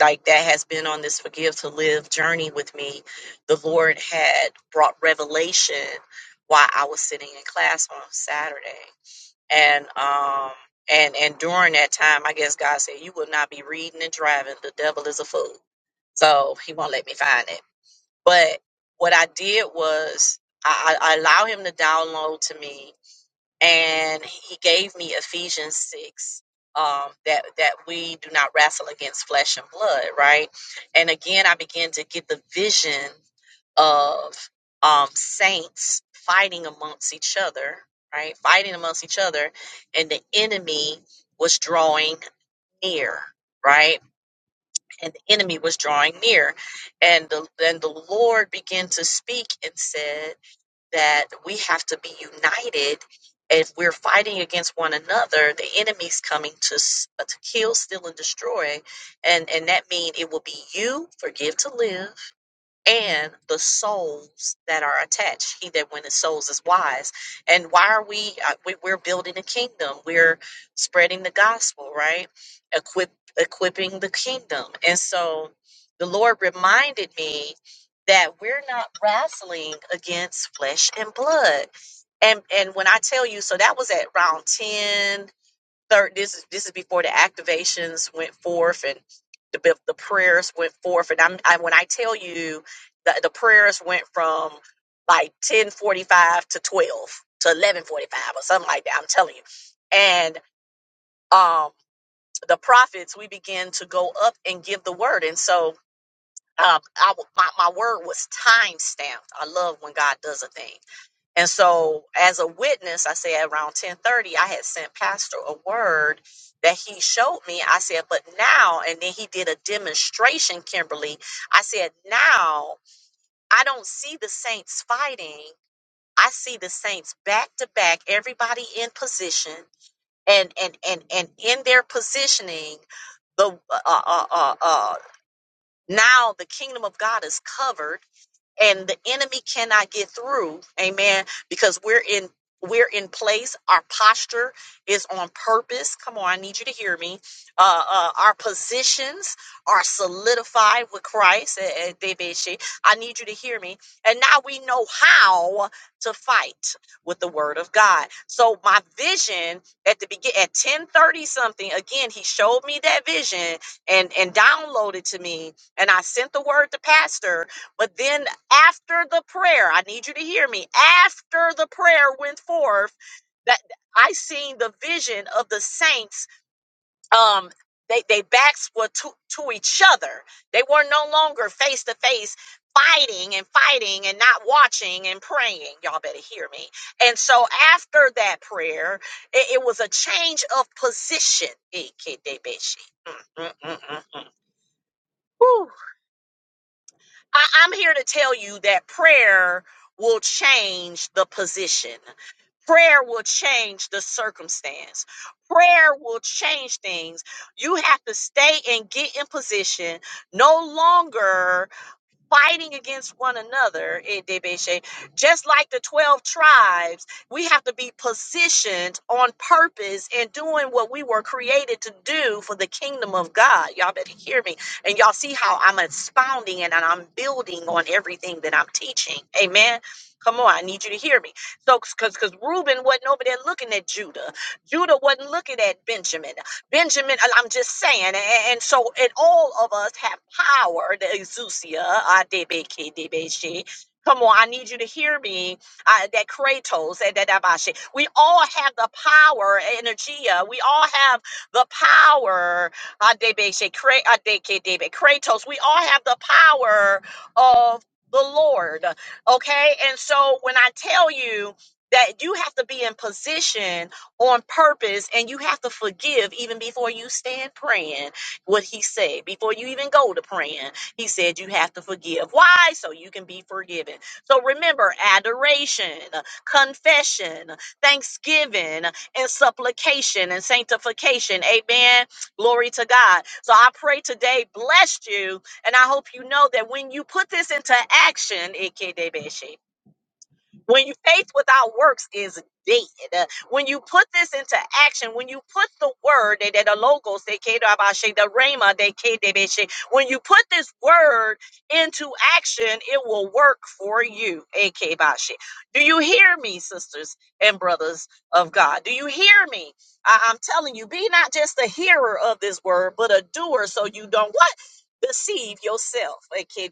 S1: like that has been on this forgive to live journey with me. The Lord had brought revelation while I was sitting in class on Saturday. And um and and during that time I guess God said you will not be reading and driving. The devil is a fool. So he won't let me find it. But what I did was I, I I allow him to download to me and he gave me Ephesians six. Um, that that we do not wrestle against flesh and blood, right? And again, I began to get the vision of um, saints fighting amongst each other, right? Fighting amongst each other, and the enemy was drawing near, right? And the enemy was drawing near, and the, then the Lord began to speak and said that we have to be united. If we're fighting against one another, the enemy's coming to, s- uh, to kill, steal, and destroy. And, and that means it will be you, forgive to live and the souls that are attached. He that winneth souls is wise. And why are we, uh, we we're building a kingdom. We're spreading the gospel, right? Equip, equipping the kingdom. And so the Lord reminded me that we're not wrestling against flesh and blood. And, and when I tell you, so that was at round 10, third this is this is before the activations went forth and the the prayers went forth and I'm I, when I tell you the the prayers went from like 10:45 to 12 to 11:45 or something like that I'm telling you and um the prophets we began to go up and give the word and so um I w my, my word was time stamped I love when God does a thing and so as a witness, I say around 1030, I had sent pastor a word that he showed me. I said, but now, and then he did a demonstration, Kimberly. I said, now I don't see the saints fighting. I see the saints back to back, everybody in position and, and, and, and in their positioning, the, uh, uh, uh, uh, now the kingdom of God is covered and the enemy cannot get through amen because we're in we're in place our posture is on purpose come on i need you to hear me uh, uh our positions are solidified with christ Eh, eh, debeshi. i need you to hear me and now we know how to fight with the word of god so my vision at the begin at 10:30 something again he showed me that vision and and downloaded to me and i sent the word to pastor but then after the prayer i need you to hear me after the prayer went forth that i seen the vision of the saints um they they backs were to, to each other they were no longer face to face fighting and fighting and not watching and praying y'all better hear me and so after that prayer it, it was a change of position Mm, mm, mm, mm, mm. Whew. I, I'm here to tell you that prayer will change the position. Prayer will change the circumstance. Prayer will change things. You have to stay and get in position no longer fighting against one another in Debeshe, just like the 12 tribes, we have to be positioned on purpose and doing what we were created to do for the kingdom of God. Y'all better hear me. And y'all see how I'm expounding and I'm building on everything that I'm teaching. Amen. Come on, I need you to hear me. So, because because Reuben wasn't over there looking at Judah, Judah wasn't looking at Benjamin. Benjamin, I- I'm just saying, and, and so, and all of us have power, the exousia, ah, debe, ke, debe, come on, I need you to hear me, uh, that kratos, eh, that abashe. we all have the power, eh, energia, we all have the power, ah, debe, she, kra- ah, de, ke, debe, kratos, we all have the power of the Lord, okay, and so when I tell you that you have to be in position on purpose and you have to forgive even before you stand praying what he said before you even go to praying he said you have to forgive why so you can be forgiven so remember adoration confession thanksgiving and supplication and sanctification amen glory to god so i pray today blessed you and i hope you know that when you put this into action when you faith without works is dead. When you put this into action, when you put the word, eh, that the logos, they ke- da- ba- the rhema, they ke- de- be- when you put this word into action, it will work for you. Eh, ke- Do you hear me, sisters and brothers of God? Do you hear me? I- I'm telling you, be not just a hearer of this word, but a doer so you don't what? Deceive yourself. Eh, ke-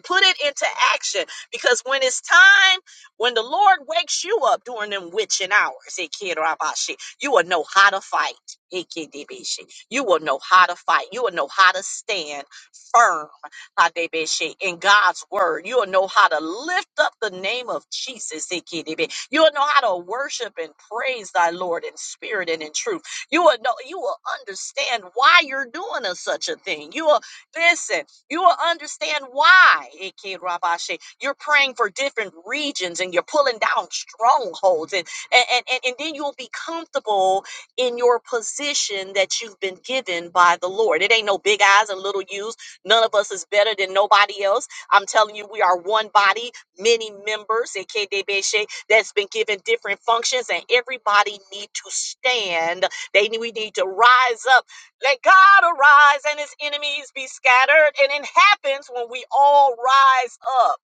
S1: Put it into action because when it's time when the Lord wakes you up during them witching hours, Ikirabashi, you will know how to fight. Ikidibishi. You will know how to fight. You will know how to stand firm Hadebeshi, in God's word. You will know how to lift up the name of Jesus. Ikidibi. You will know how to worship and praise thy Lord in spirit and in truth. You will know you will understand why you're doing a, such a thing. You will listen. You will understand why Ike Rabashe, you're praying for different regions and you're pulling down strongholds. And, and, and, and then you'll be comfortable in your position that you've been given by the Lord. It ain't no big eyes and little U's. None of us is better than nobody else. I'm telling you, we are one body, many members, Ike Debeshe, that's been given different functions, and everybody need to stand. They need, we need to rise up let God arise and his enemies be scattered. And it happens when we all rise up.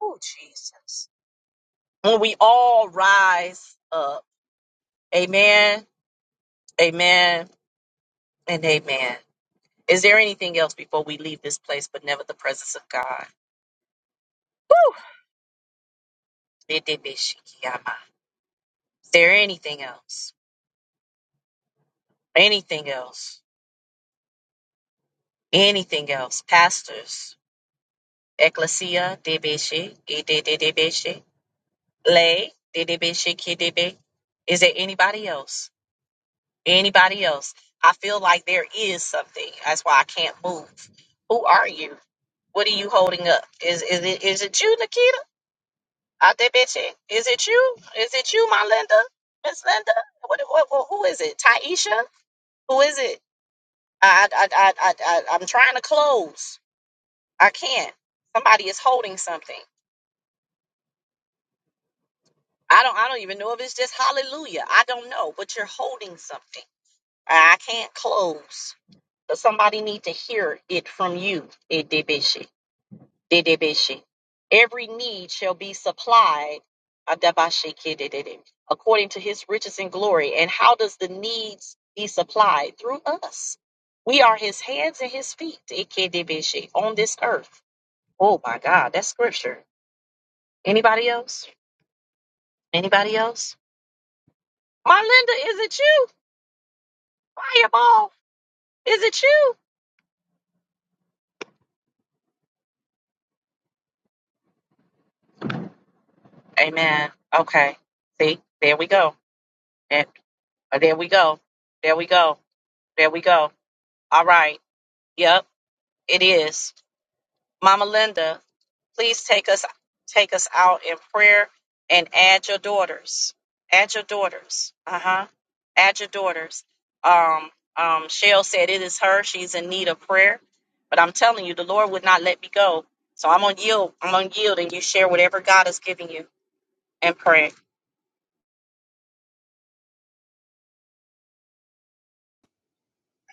S1: Oh, Jesus. When we all rise up. Amen, amen, and amen. Is there anything else before we leave this place but never the presence of God? Woo! Bidibishikiyama. Is there anything else? Anything else? Anything else? Pastors, ecclesia, debeshi, Lay, Didibe, Shikidibe. Is there anybody else? Anybody else? I feel like there is something. That's why I can't move. Who are you? What are you holding up? Is is it is it you, Nikita? I Adibeche. Is it you? Is it you, my Linda? Miss Linda? What, what, what who is it? Taisha? Who is it? I I I, I I- I'm trying to close. I can't. Somebody is holding something. I don't I don't even know if it's just hallelujah. I don't know, but you're holding something. I can't close, but somebody need to hear it from you. Edebeshi, dedebeshi. Every need shall be supplied. Adabashi kidedede, According to his riches and glory. And how does the needs be supplied? Through us. We are his hands and his feet ekedebeshi, on this earth. Oh my God, that's scripture. Anybody else? Anybody else? My Linda, is it you? Fireball, is it you? Amen. Okay. See, there we go. That, uh, there we go. There we go. There we go. All right. Yep, it is. Mama Linda, please take us take us out in prayer and add your daughters. Add your daughters. Uh-huh. Add your daughters. Um, um, Shell said it is her. She's in need of prayer. But I'm telling you, the Lord would not let me go. So I'm gonna yield. I'm gonna yield and you share whatever God has given you and pray.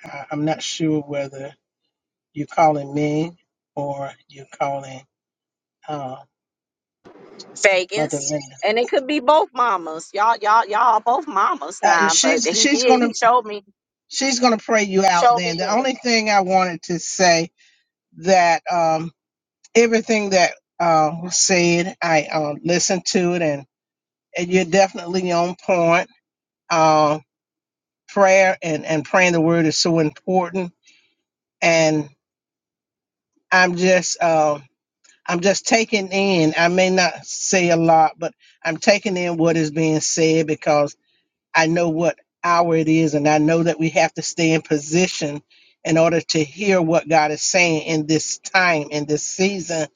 S8: I- I'm not sure whether you're calling me or you're calling uh, Mother
S1: Vegas.
S8: Linda.
S1: And it could be both mamas. Y'all, y'all, y'all are both mamas
S8: Uh,
S1: now. But
S8: she's
S1: he
S8: she's
S1: did.
S8: gonna
S1: He showed me.
S8: she's gonna pray you out.
S1: Showed me
S8: Then the
S1: Linda.
S8: only thing I wanted to say that um, everything that uh, was said, I uh, listened to it, and, and you're definitely on point. Uh, prayer and and praying the word is so important, and I'm just. Um, I'm just taking in. I may not say a lot, but I'm taking in what is being said because I know what hour it is, and I know that we have to stay in position in order to hear what God is saying in this time, in this season.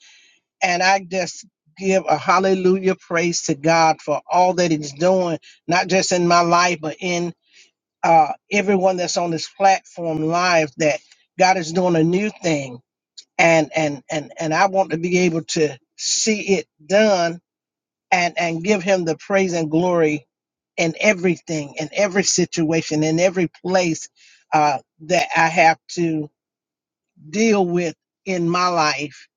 S8: And I just give a hallelujah praise to God for all that He's doing, not just in my life, but in uh, everyone that's on this platform live, that God is doing a new thing and and and and I want to be able to see it done and and give him the praise and glory in everything, in every situation, in every place uh, that I have to deal with in my life.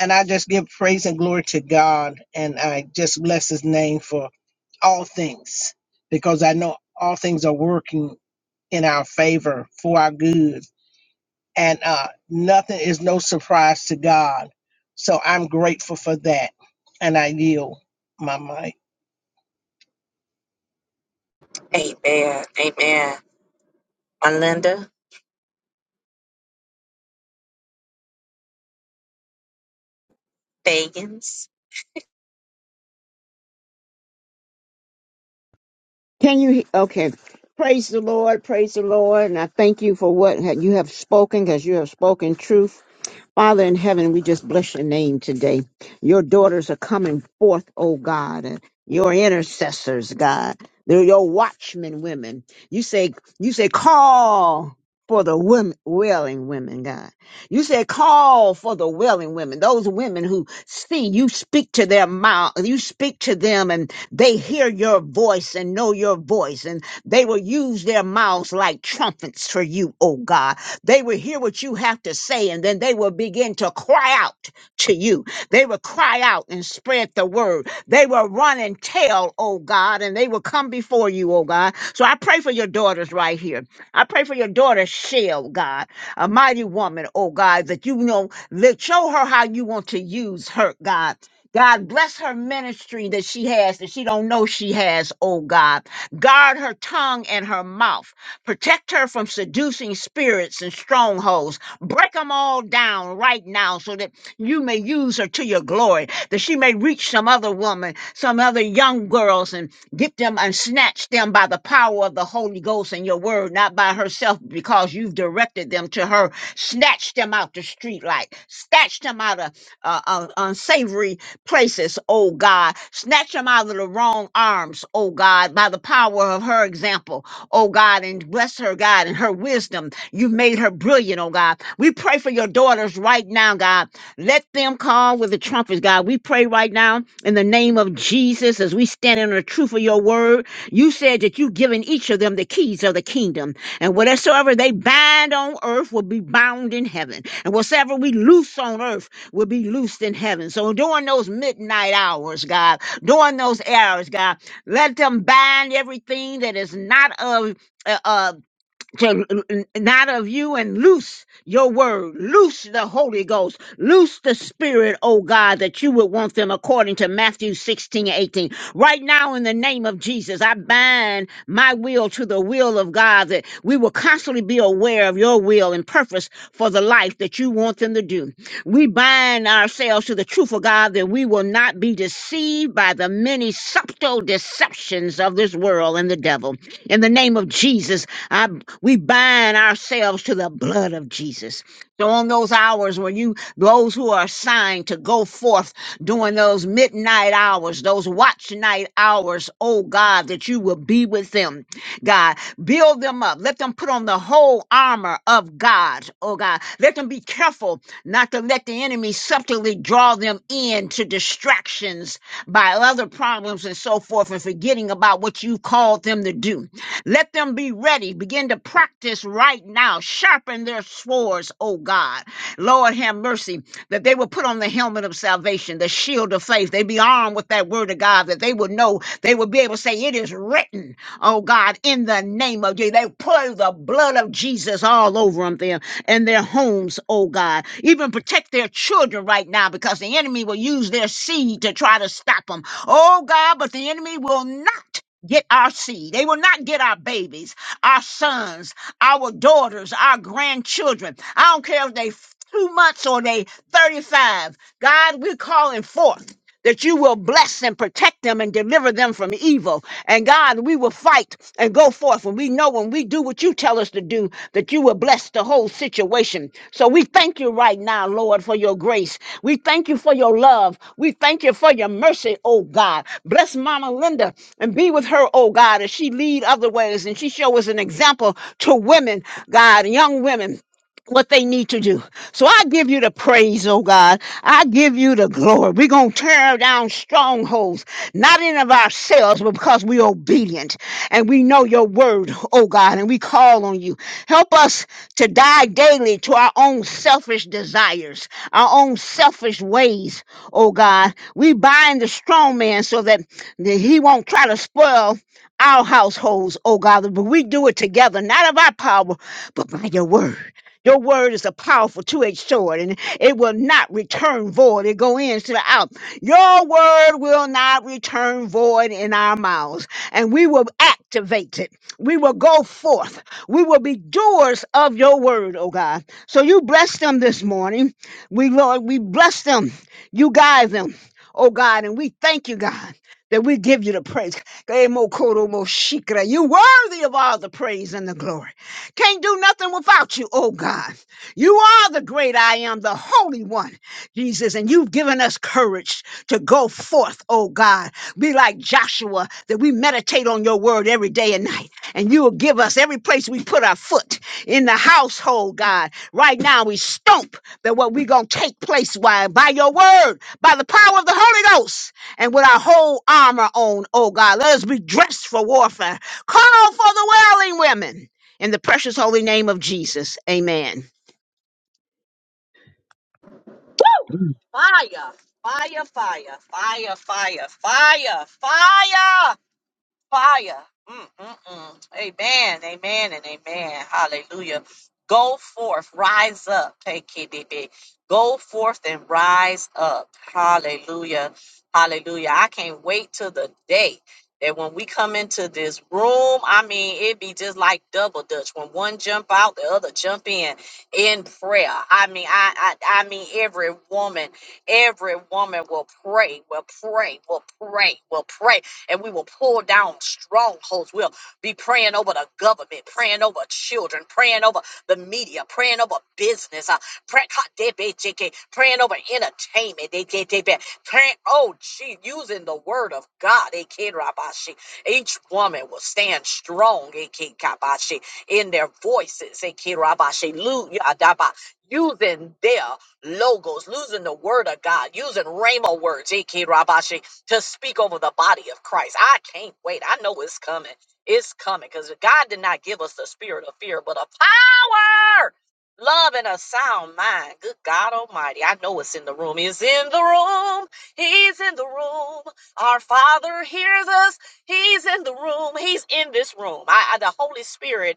S8: And I just give praise and glory to God, and I just bless His name for all things because I know all things are working in our favor for our good and uh, nothing is no surprise to God. So I'm grateful for that, and I yield my mic.
S1: Amen. Amen. My Linda Fagans.
S9: Can you? Okay. Praise the Lord. Praise the Lord. And I thank you for what ha- you have spoken because you have spoken truth. Father in heaven, we just bless your name today. Your daughters are coming forth, oh God. and Your intercessors, God. They're your watchmen women. You say, you say, call for the women, wailing women, God. You said call for the willing women, those women who see you speak to their mouth, you speak to them and they hear your voice and know your voice and they will use their mouths like trumpets for you, oh God. They will hear what you have to say and then they will begin to cry out to you. They will cry out and spread the word. They will run and tell, oh God, and they will come before you, oh God. So I pray for your daughters right here. I pray for your daughter, Shell, God a mighty woman, oh God, that you know, let show her how you want to use her, God. God bless her ministry that she has that she don't know she has, oh God. Guard her tongue and her mouth. Protect her from seducing spirits and strongholds. Break them all down right now so that you may use her to your glory, that she may reach some other woman, some other young girls and Get them and snatch them by the power of the Holy Ghost and your word, not by herself, because you've directed them to her. Snatch them out the streetlight. Snatch them out of uh, uh, unsavory places, oh God. Snatch them out of the wrong arms, oh God, by the power of her example, oh God. And bless her, God, and her wisdom. You've made her brilliant, oh God. We pray for your daughters right now, God let them call with the trumpets, God. We pray right now in the name of Jesus as we stand in the truth of your word. You said that you've given each of them the keys of the kingdom, and whatsoever they bind on earth will be bound in heaven, and whatsoever we loose on earth will be loosed in heaven. So during those midnight hours, God, during those hours, God, let them bind everything that is not of. uh, uh, to l- l- not of you and loose your word, loose the Holy Ghost, loose the Spirit, oh God, that you would want them according to Matthew 16 18. Right now, in the name of Jesus, I bind my will to the will of God that we will constantly be aware of your will and purpose for the life that you want them to do. We bind ourselves to the truth of God that we will not be deceived by the many subtle deceptions of this world and the devil. In the name of Jesus, I, we bind ourselves to the blood of Jesus. So on those hours where you, those who are assigned to go forth during those midnight hours, those watch night hours, oh God, that you will be with them. God, build them up. Let them put on the whole armor of God, oh God. Let them be careful not to let the enemy subtly draw them in to distractions by other problems and so forth and forgetting about what you called them to do. Let them be ready. Begin to practice right now. Sharpen their swords, oh God. Lord, have mercy that they will put on the helmet of salvation, the shield of faith. They be armed with that word of God, that they would know, they would be able to say, It is written, oh God, in the name of Jesus. They pour the blood of Jesus all over them there and their homes, oh God. Even protect their children right now because the enemy will use their seed to try to stop them. Oh God, but the enemy will not get our seed. They will not get our babies, our sons, our daughters, our grandchildren. I don't care if they f- two months or they 35. God, we're calling forth that you will bless and protect them and deliver them from evil. And God, we will fight and go forth. And we know when we do what you tell us to do, that you will bless the whole situation. So we thank you right now, Lord, for your grace. We thank you for your love. We thank you for your mercy, oh God. Bless Mama Linda and be with her, oh God, as she lead other ways and she show us an example to women, God, young women what they need to do. So I give you the praise, oh God. I give you the glory. We're going to tear down strongholds, not in of ourselves, but because we're obedient and we know your word, oh God, and we call on you. Help us to die daily to our own selfish desires, our own selfish ways, oh God. We bind the strong man so that that he won't try to spoil our households, oh God, but we do it together, not of our power, but by your word. Your word is a powerful two-edged sword, and it will not return void. It go in to the out. Your word will not return void in our mouths, and we will activate it. We will go forth. We will be doers of your word, oh God. So you bless them this morning. We Lord, we bless them. You guide them, oh God, and we thank you, God. That we give you the praise. You're worthy of all the praise and the glory. Can't do nothing without you, oh God. You are the great I am, the Holy One, Jesus, and you've given us courage to go forth, oh God. Be like Joshua, that we meditate on your word every day and night, and you will give us every place we put our foot in the household, God. Right now, we stomp that what we're going to take place by, by your word, by the power of the Holy Ghost, and with our whole armor on, oh God. Let us be dressed for warfare. Call for the wailing women. In the precious holy name of Jesus, amen.
S1: Fire. Fire, fire, fire, fire, fire, fire. fire. Mm, mm, mm. Amen, amen, and amen. Hallelujah. Go forth, rise up. hey it, baby. Go forth and rise up. Hallelujah. Hallelujah. I can't wait till the day that when we come into this room, I mean, it be just like double dutch. When one jump out, the other jump in in prayer. I mean, I I, I mean every woman, every woman will pray, will pray, will pray, will pray and we will pull down strongholds. We'll be praying over the government, praying over children, praying over the media, praying over business, uh, pray, praying over entertainment, they can't take back. praying, oh, gee, using the word of God. They can't rabashi. Each woman will stand strong they can't kabashi, in their voices. They can't rabashi, lu- ya daba, Using their logos, using the word of God, using Rhema words to speak over the body of Christ. I can't wait. I know it's coming. It's coming because God did not give us the spirit of fear, but a power, love, and a sound mind. Good God Almighty. I know it's in the room. He's in the room. He's in the room. Our Father hears us. He's in the room. He's in this room. I, I- the Holy Spirit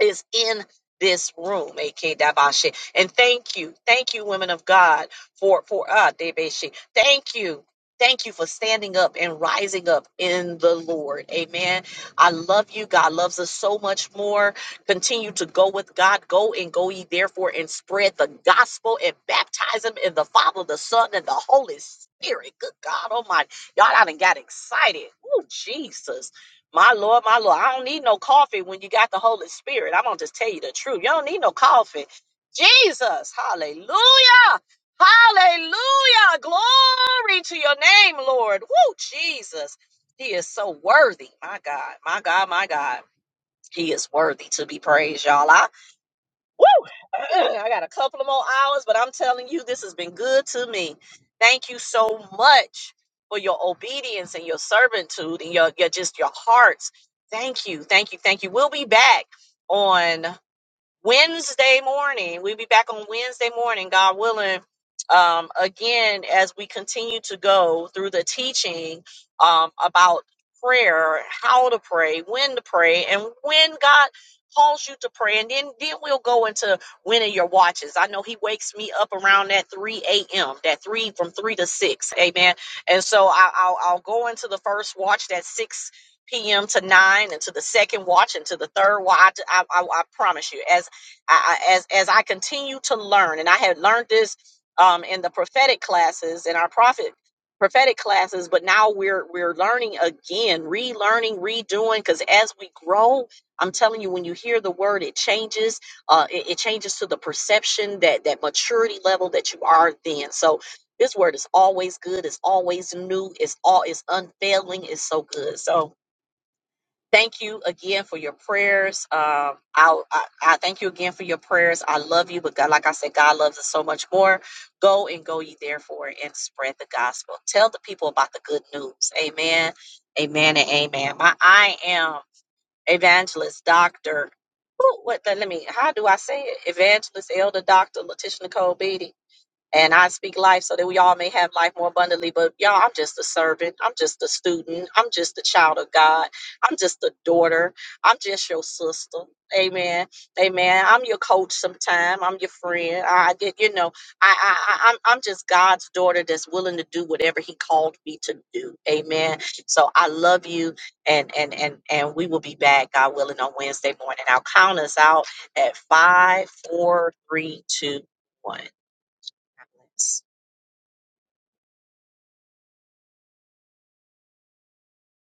S1: is in this room, A.K. Dabashe. And thank you, thank you, women of God, for for uh Debeshe. Thank you. Thank you for standing up and rising up in the Lord. Amen. I love you. God loves us so much more. Continue to go with God. Go and go ye therefore and spread the gospel and baptize them in the Father, the Son, and the Holy Spirit. Good God Almighty. Y'all I done got excited. Oh, Jesus. My Lord, my Lord, I don't need no coffee when you got the Holy Spirit. I'm going to just tell you the truth. You don't need no coffee. Jesus, hallelujah, hallelujah. Glory to your name, Lord. Woo, Jesus. He is so worthy. My God, my God, my God. He is worthy to be praised, y'all. I. I got a couple of more hours, but I'm telling you, this has been good to me. Thank you so much for your obedience and your servitude and your, your just your hearts. Thank you, thank you, thank you. We'll be back on. Wednesday morning. We'll be back on Wednesday morning, God willing. Um, again, as we continue to go through the teaching um, about prayer, how to pray, when to pray, and when God calls you to pray, and then then we'll go into winning your watches. I know He wakes me up around that three a.m. that three from three to six, Amen. And so I, I'll I'll go into the first watch that six p.m. to nine, and to the second watch, and to the third watch. I, I, I promise you, as I, I, as as I continue to learn, and I had learned this um, in the prophetic classes in our prophet prophetic classes, but now we're we're learning again, relearning, redoing. Because as we grow, I'm telling you, when you hear the word, it changes. Uh, it, it changes to the perception that that maturity level that you are then. So. This word is always good. It's always new. It's all. It's unfailing. It's so good. So, thank you again for your prayers. Um, I, I I thank you again for your prayers. I love you, but God, like I said, God loves us so much more. Go and go ye therefore and spread the gospel. Tell the people about the good news. Amen. Amen and amen. My I am evangelist doctor. Who, what the, let me how do I say it? Evangelist elder doctor Letitia Nicole Beatty. And I speak life so that we all may have life more abundantly. But y'all, I'm just a servant. I'm just a student. I'm just a child of God. I'm just a daughter. I'm just your sister. Amen. Amen. I'm your coach sometime. I'm your friend. I did, you know, I, I, I I'm I'm just God's daughter that's willing to do whatever He called me to do. Amen. So I love you and and and and we will be back, God willing, on Wednesday morning. I'll count us out at five, four, three, two, one. God bless.